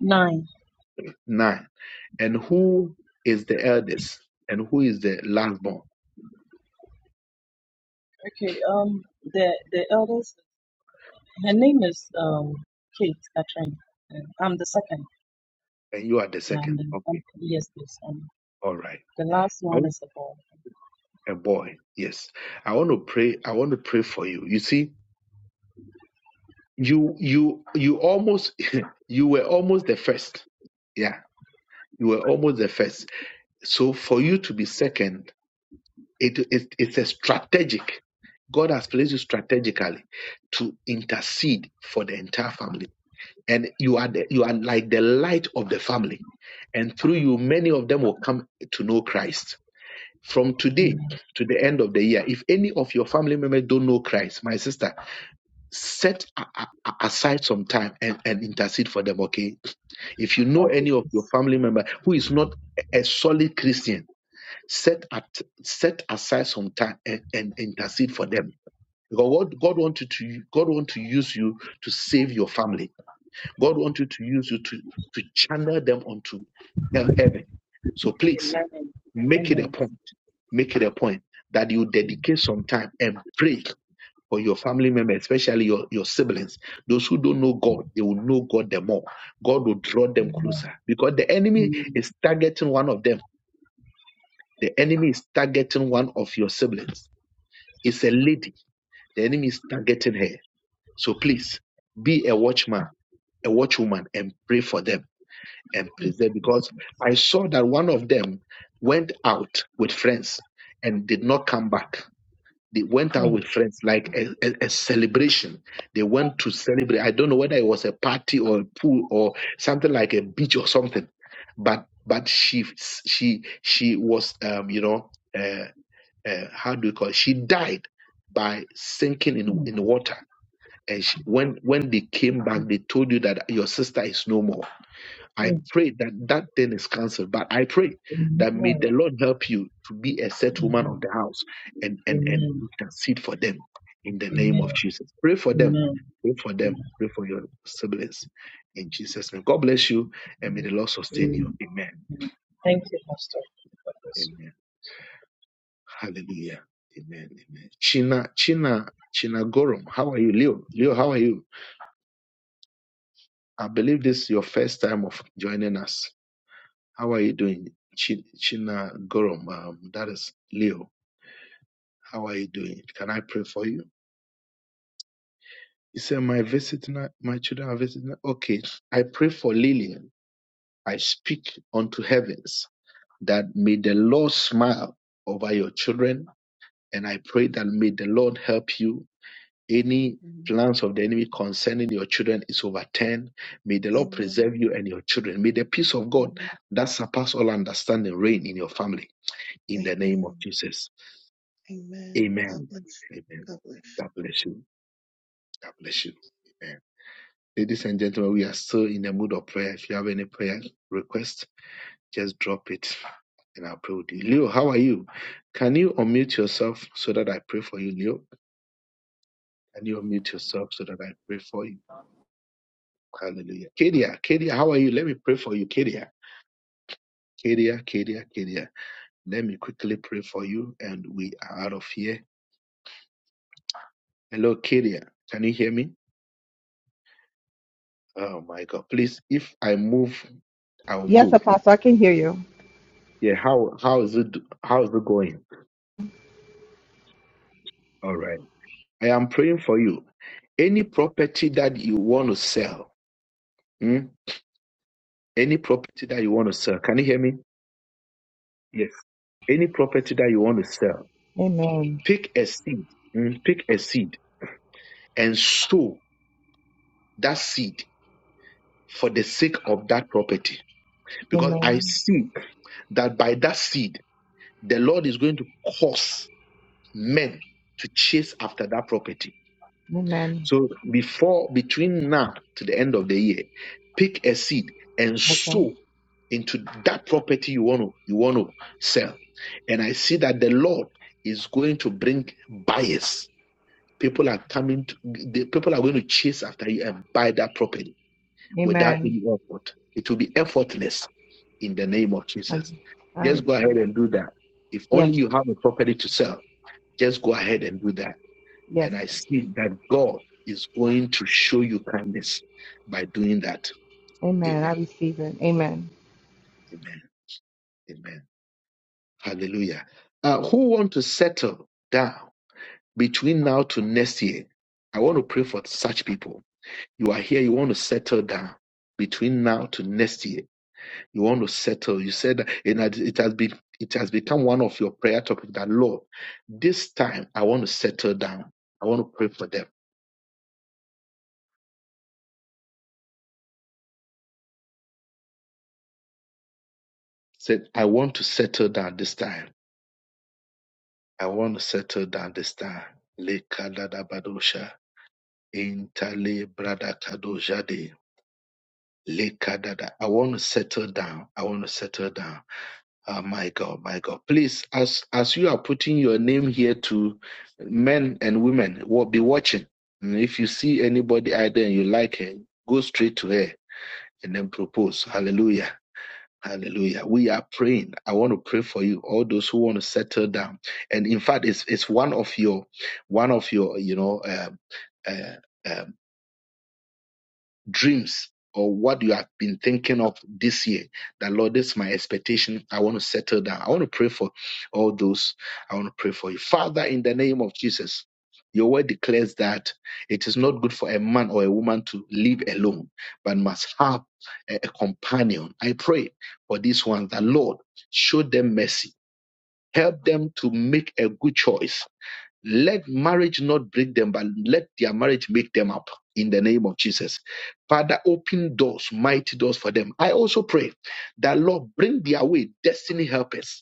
Nine. Nine. And who is the eldest? And who is the last born? Okay. Um. The the eldest. Her name is um Kate Catherine. Uh, I'm the second. And you are the Yeah. I'm second. the. I'm, Okay. yes, please. Um. All right. The last I one is a boy. a boy. Yes. I want to pray. I want to pray for you. You see, you you you almost you were almost the first. Yeah. You were almost the first So for you to be second, it, it, it's a strategic. God has placed you strategically to intercede for the entire family. And you are the, you are like the light of the family. And through you, many of them will come to know Christ. From today Amen. to the end of the year, if any of your family members don't know Christ, my sister, set a- a- aside some time and, and intercede for them, okay? If you know Okay, any of your please. family member who is not a solid Christian, set at set aside some time and, and intercede for them because what god wants you to god want to use you to save your family god wants you to use you to to channel them onto heaven so please Eleven. make it a Amen. point make it a point that you dedicate some time and pray for your family members especially your, your siblings those who don't know god they will know god the more god will draw them closer because the enemy is targeting one of them the enemy is targeting one of your siblings It's a lady. The enemy is targeting her. So please be a watchman, a watchwoman, and pray for them and preserve. Because I saw that one of them went out with friends and did not come back. They went out Amen. Amen. with friends like a, a, a celebration. They went to celebrate. I don't know whether it was a party or a pool or something like a beach or something. But but she she she was um you know uh, uh, how do you call it? She died by sinking in in water. And she, when when they came back, they told you that your sister is no more. I Amen. pray that that thing is cancelled. But I pray that may Amen. the Lord help you to be a set woman of Amen. the house and and and Amen. intercede for them in the name of Amen. Jesus. Pray for them. Amen. Pray for them. Pray for your siblings in Jesus' name. God bless you and may Amen. the Lord sustain you. Amen. Amen. Thank you, Pastor. for this Amen. Hallelujah. Amen. Amen. China, China, China Gorum, how are you? Leo, Leo, how are you? I believe this is your first time of joining us. How are you doing? Chi- China Gorum, um, that is Leo. How are you doing? Can I pray for you? He said, My visiting, my children are visiting. Okay. I pray for Lillian. I speak unto heavens that may the Lord smile over your children. And I pray that may the Lord help you Any Amen. plans of the enemy concerning your children is overturned. May the Lord Amen. preserve you and your children. May the peace of God that surpass all understanding reign in your family. In the name of Amen. Jesus. Amen. God Amen. bless you. Amen. God bless you. God bless you. God bless you. Amen. Ladies and gentlemen, we are still in the mood of prayer. If you have any prayer request, just drop it and I'll pray with you. Leo, how are you? Can you unmute yourself so that I pray for you, Leo? Can you unmute yourself so that I pray for you? Hallelujah. Kedia, Kedia, how are you? Let me pray for you, Kedia. Kedia, Kedia, Kedia. Let me quickly pray for you, and we are out of here. Hello, Kedia. Can you hear me? Oh my God. Please, if I move, I will Yes, move. Apostle, I can hear you. Yeah. How how is it? How is it going? All right. I am praying for you. Any property that you want to sell, hmm? any property that you want to sell. Can you hear me? Yes. Any property that you want to sell, Amen. pick a seed. hmm? Pick a seed and sow that seed for the sake of that property. Because I Amen. see that by that seed, the Lord is going to cause men to chase after that property. Amen. So before, between now to the end of the year, pick a seed and Okay. sow into that property you want to, you want to sell. And I see that the Lord is going to bring buyers. People are coming to, the people are going to chase after you and buy that property without Amen. any effort. It will be effortless in the name of I, Jesus. I Just go ahead receive. and do that. If only Yes. you have a property to sell, just go ahead and do that. Yes. And I see that God is going to show you kindness by doing that. Amen. I Amen. receive it. Amen. Amen. Amen. Hallelujah. Uh, who want to settle down between now to next year? I want to pray for such people. You are here, you want to settle down between now to next year You want to settle. You said that and that it has been it has become one of your prayer topics that Lord, this time I want to settle down. I want to pray for them. Said, I want to settle down this time. I want to settle down this time. Lekadadabadosha, intale bradakadojade, lekadada. I want to settle down. I want to settle down. Oh my God, my God. Please, as as you are putting your name here to men and women, wa- be watching. And If you see anybody out there and you like her, go straight to her and then propose. Hallelujah. Hallelujah. We are praying. I want to pray for you, all those who want to settle down. And in fact, it's it's one of your one of your, you know, um, uh, um, dreams or what you have been thinking of this year that lord this is my expectation i want to settle down i want to pray for all those i want to pray for you father in the name of jesus your word declares that it is not good for a man or a woman to live alone but must have a, a companion i pray for this one that lord show them mercy help them to make a good choice let marriage not break them, but let their marriage make them up in the name of Jesus. Father, open doors, mighty doors for them. I also pray that, Lord, bring their way destiny helpers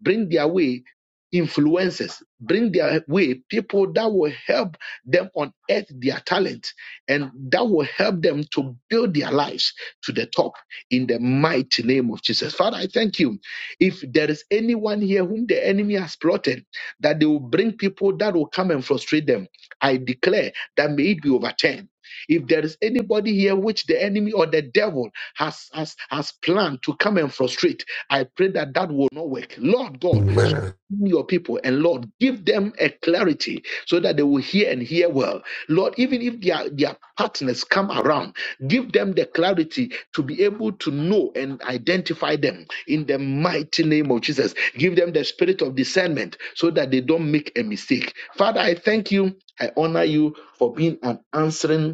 bring their way influences, bring their way people that will help them unearth their talent and that will help them to build their lives to the top in the mighty name of Jesus. Father, I thank you. If there is anyone here whom the enemy has plotted, that they will bring people that will come and frustrate them, I declare that may it be overturned if there is anybody here which the enemy or the devil has has has planned to come and frustrate, I pray that that will not work. Lord God, Man strengthen your people and Lord, give them a clarity so that they will hear and hear well. Lord, even if their, their partners come around, give them the clarity to be able to know and identify them in the mighty name of Jesus. Give them the spirit of discernment so that they don't make a mistake. Father, I thank you. I honor you for being an answering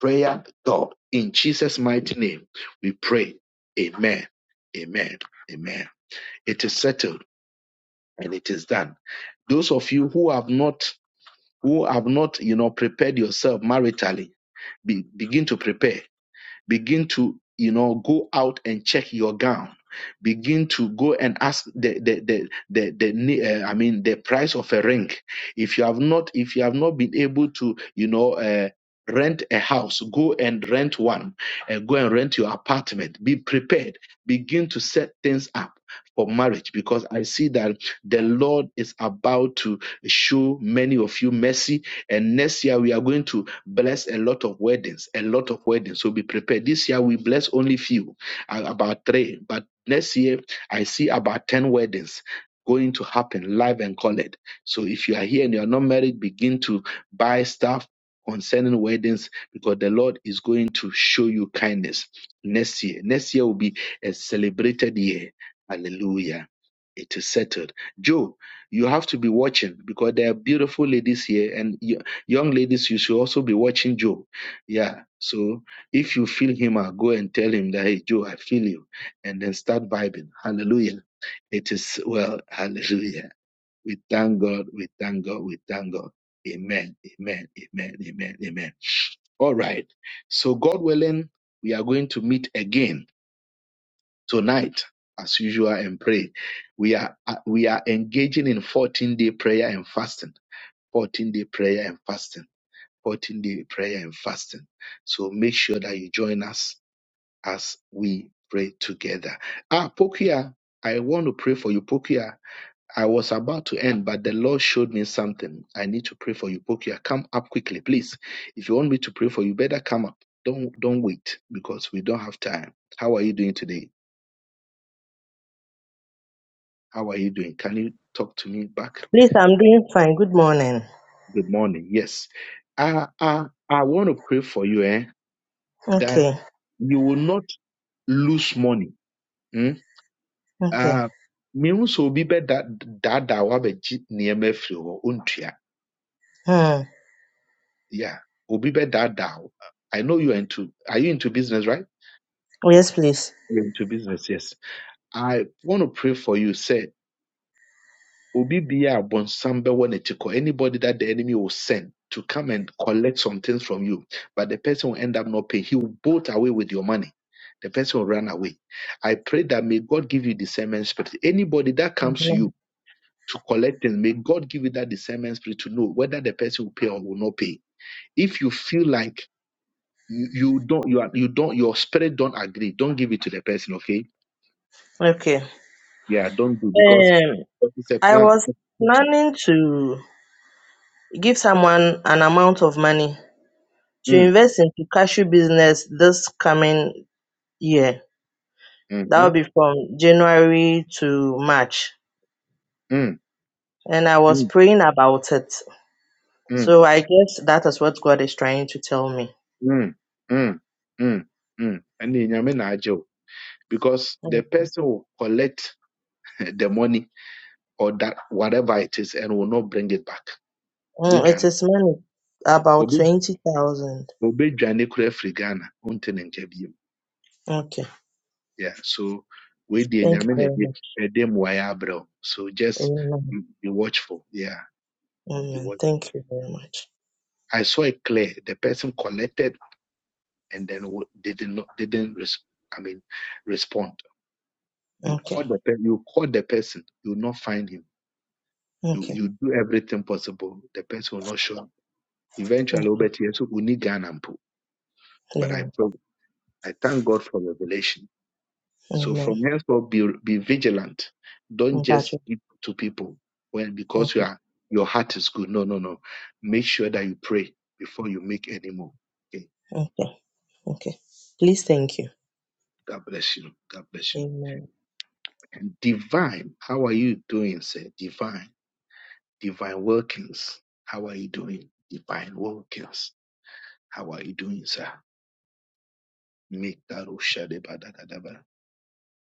prayer, God. In Jesus' mighty name, we pray. Amen. Amen. Amen. It is settled and it is done. Those of you who have not, who have not, you know, prepared yourself maritally, be, begin to prepare begin to you know go out and check your gown begin to go and ask the the the the, the uh, i mean the price of a ring if you have not if you have not been able to you know uh, rent a house go and rent one and go and rent your apartment be prepared begin to set things up for marriage because i see that the lord is about to show many of you mercy and next year we are going to bless a lot of weddings, a lot of weddings. So be prepared. This year we bless only few, a- about three. But next year I see about ten weddings going to happen live and colored. So if you are here and you are not married, begin to buy stuff concerning weddings because the Lord is going to show you kindness next year. Next year will be a celebrated year. Hallelujah. It is settled. Joe, you have to be watching because there are beautiful ladies here and Young ladies, you should also be watching Joe. Yeah. So if you feel him out, go and tell him that, hey, Joe, I feel you. And then start vibing. Hallelujah. It is well. Hallelujah. We thank God. We thank God. We thank God. Amen. Amen. Amen. Amen. Amen. All right. So, God willing, we are going to meet again tonight, as usual, and pray. We are uh, we are engaging in 14 day prayer and fasting. 14 day prayer and fasting importantly prayer and fasting. So make sure that you join us as we pray together. Ah, Pokia, I want to pray for you, Pokia. I was about to end, but the Lord showed me something. I need to pray for you, Pokia. Come up quickly, please. If you want me to pray for you, better come up. Don't don't wait because we don't have time. How are you doing today? How are you doing? Can you talk to me back? Please, I'm doing fine. Good morning. Good morning. Yes. I I, I want to pray for you, eh? That Okay. you will not lose money Mm? Okay. Ah, mehu sɛ obi bɛdaadaa wabɛgye nneɛma afiri hɔ ontua Hmm. yeah obi bɛdaadaa wo i know you are into are you into business right Yes, please. you're into business yes i want to pray for you Say, obi bia a bɛwɔ n'akyi kɔ anybody that the enemy will send to come and collect some things from you but the person will end up not paying he will bolt away with your money the person will run away i pray that may god give you discernment spirit anybody that comes to Mhm. you to collect things. May God give you that discernment spirit to know whether the person will pay or will not pay. If you feel like you, you don't you are you don't your spirit don't agree, don't give it to the person, okay? Okay. Yeah, don't do because Um, it's a I plan. was planning to give someone an amount of money to Mm, invest into cashew business this coming year. hmm That will be from January to March. mm, And I was mm, praying about it. mm, mm, So I guess that is what God is trying to tell me. mm, mm, mm, mm. And in Nyame na agye wo. Because Mm. the person will collect the money or that whatever it is and will not bring it back. Mm, it Obedwane- is money, about obe- 20,000. obedwane koraa firi Ghana, wonte ne nkyɛ bio. Okay. Yeah, so we the Thank you nyame na very much. ɛde ɛde mmuaeɛ abrɛ wo. So just Amen. be be watchful. Yeah, be Amen. watch. Thank you very much. I saw it clear. The person collected and then wa- didn't know- didn't res, I mean respond. You Okay. call the pe- you call the person. You will not find him. You Okay. you do everything possible. The person will not show up. Eventually, Mm. Obet Yesu uni Ghana mpo. But Yeah. I prob- I thank God for revelation So Amen. from henceforth, be, be vigilant. Don't I'm glad just you- give to people when because you Okay. are your heart is good. No, no, no. Make sure that you pray before you make any move. Okay. Okay. Okay. Please thank you. God bless you. God bless you. Amen. And divine, how are you doing, sir? Divine, divine workings. How are you doing? Divine workings. How are you doing, sir? Make that Oshadebadadadaba.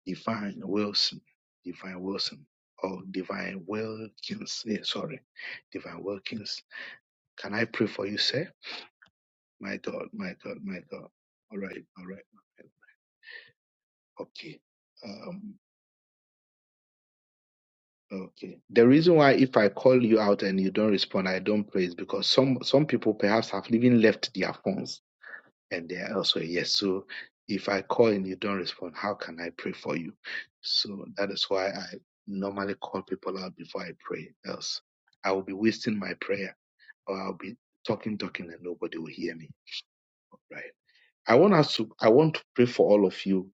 divine Wilson. Divine Wilson. Or divine workings. Yeah, sorry divine workings. Can I pray for you, sir? My God, my God, my God. All right, all right. Okay. Um, okay. The reason why if I call you out and you don't respond, I don't pray is because some some people perhaps have even left their phones and they are also yes. So if I call and you don't respond, how can I pray for you? So that is why I normally call people out before I pray. Else I will be wasting my prayer or I'll be talking, talking and nobody will hear me. Right. I want us to I want to pray for all of you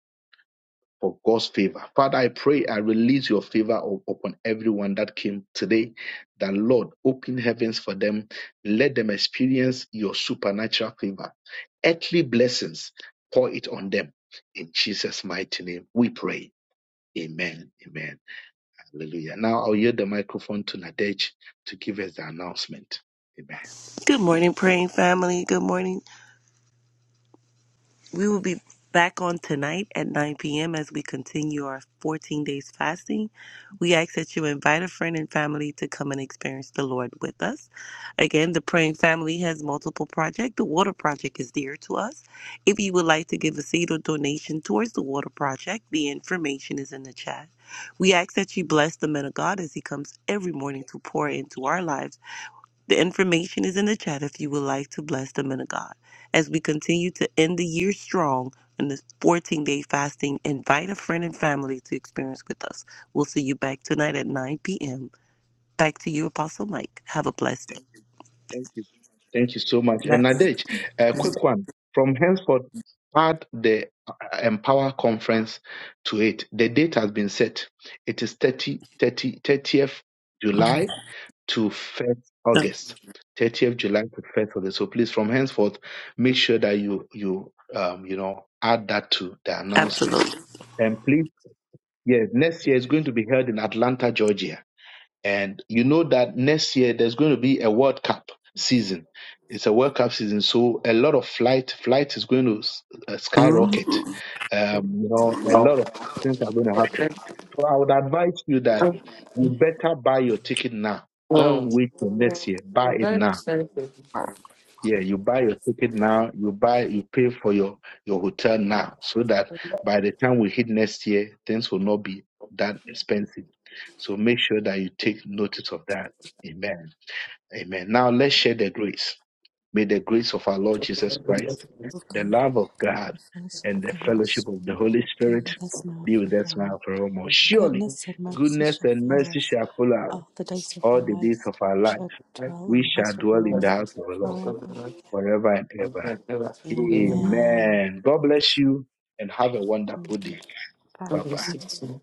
for God's favor. Father, I pray I release your favor up- upon everyone that came today. That Lord, open heavens for them. Let them experience your supernatural favor. Earthly blessings, pour it on them. In Jesus' mighty name, we pray. Amen. Amen. Hallelujah. Now I'll yield the microphone to Nadej to give us the announcement. Amen. Good morning, praying family. Good morning. We will be back on tonight at 9 p.m. as we continue our 14 days fasting. We ask that you invite a friend and family to come and experience the Lord with us. Again, the praying family has multiple projects. The water project is dear to us. If you would like to give a seed or donation towards the water project, the information is in the chat. We ask that you bless the man of God as he comes every morning to pour into our lives the information is in the chat if you would like to bless the men of God. As we continue to end the year strong in this 14 day fasting, invite a friend and family to experience with us. We'll see you back tonight at 9 p.m. Back to you, Apostle Mike. Have a blessed Thank you. Thank you so much. day. And Nadej, a quick one. From henceforth, add the uh, Empower Conference to it. The date has been set. It is 30 30 thirtieth Yes, July to 1st August. 30th July to 1st August. So please, from henceforth, make sure that you, you, um, you know, add that to the announcement. absolutely. And please, yes, next year is going to be held in Atlanta, Georgia. And you know that next year there's going to be a World Cup season. It's a World Cup season, so a lot of flight flight is going to s- uh, skyrocket. Mhm. Um, you know, a No. lot of things are going to happen. So I would advise you that you better buy your ticket now. No. Don't wait till next year. Buy I'm it very now excited. yeah, you buy your ticket now, you buy, you pay for your, your hotel now, so that by the time we hit next year, things will not be that expensive. So make sure that you take notice of that. Amen. Amen. Now let's share the grace. May the grace of our Lord Jesus Christ, the love of God, and the fellowship of the Holy Spirit be with us now and forevermore. Surely goodness and mercy shall follow us all the days of our life. We shall dwell in the house of the Lord forever and ever. In Amen. God bless you and have a wonderful day. Bye bye. twenty sixteen.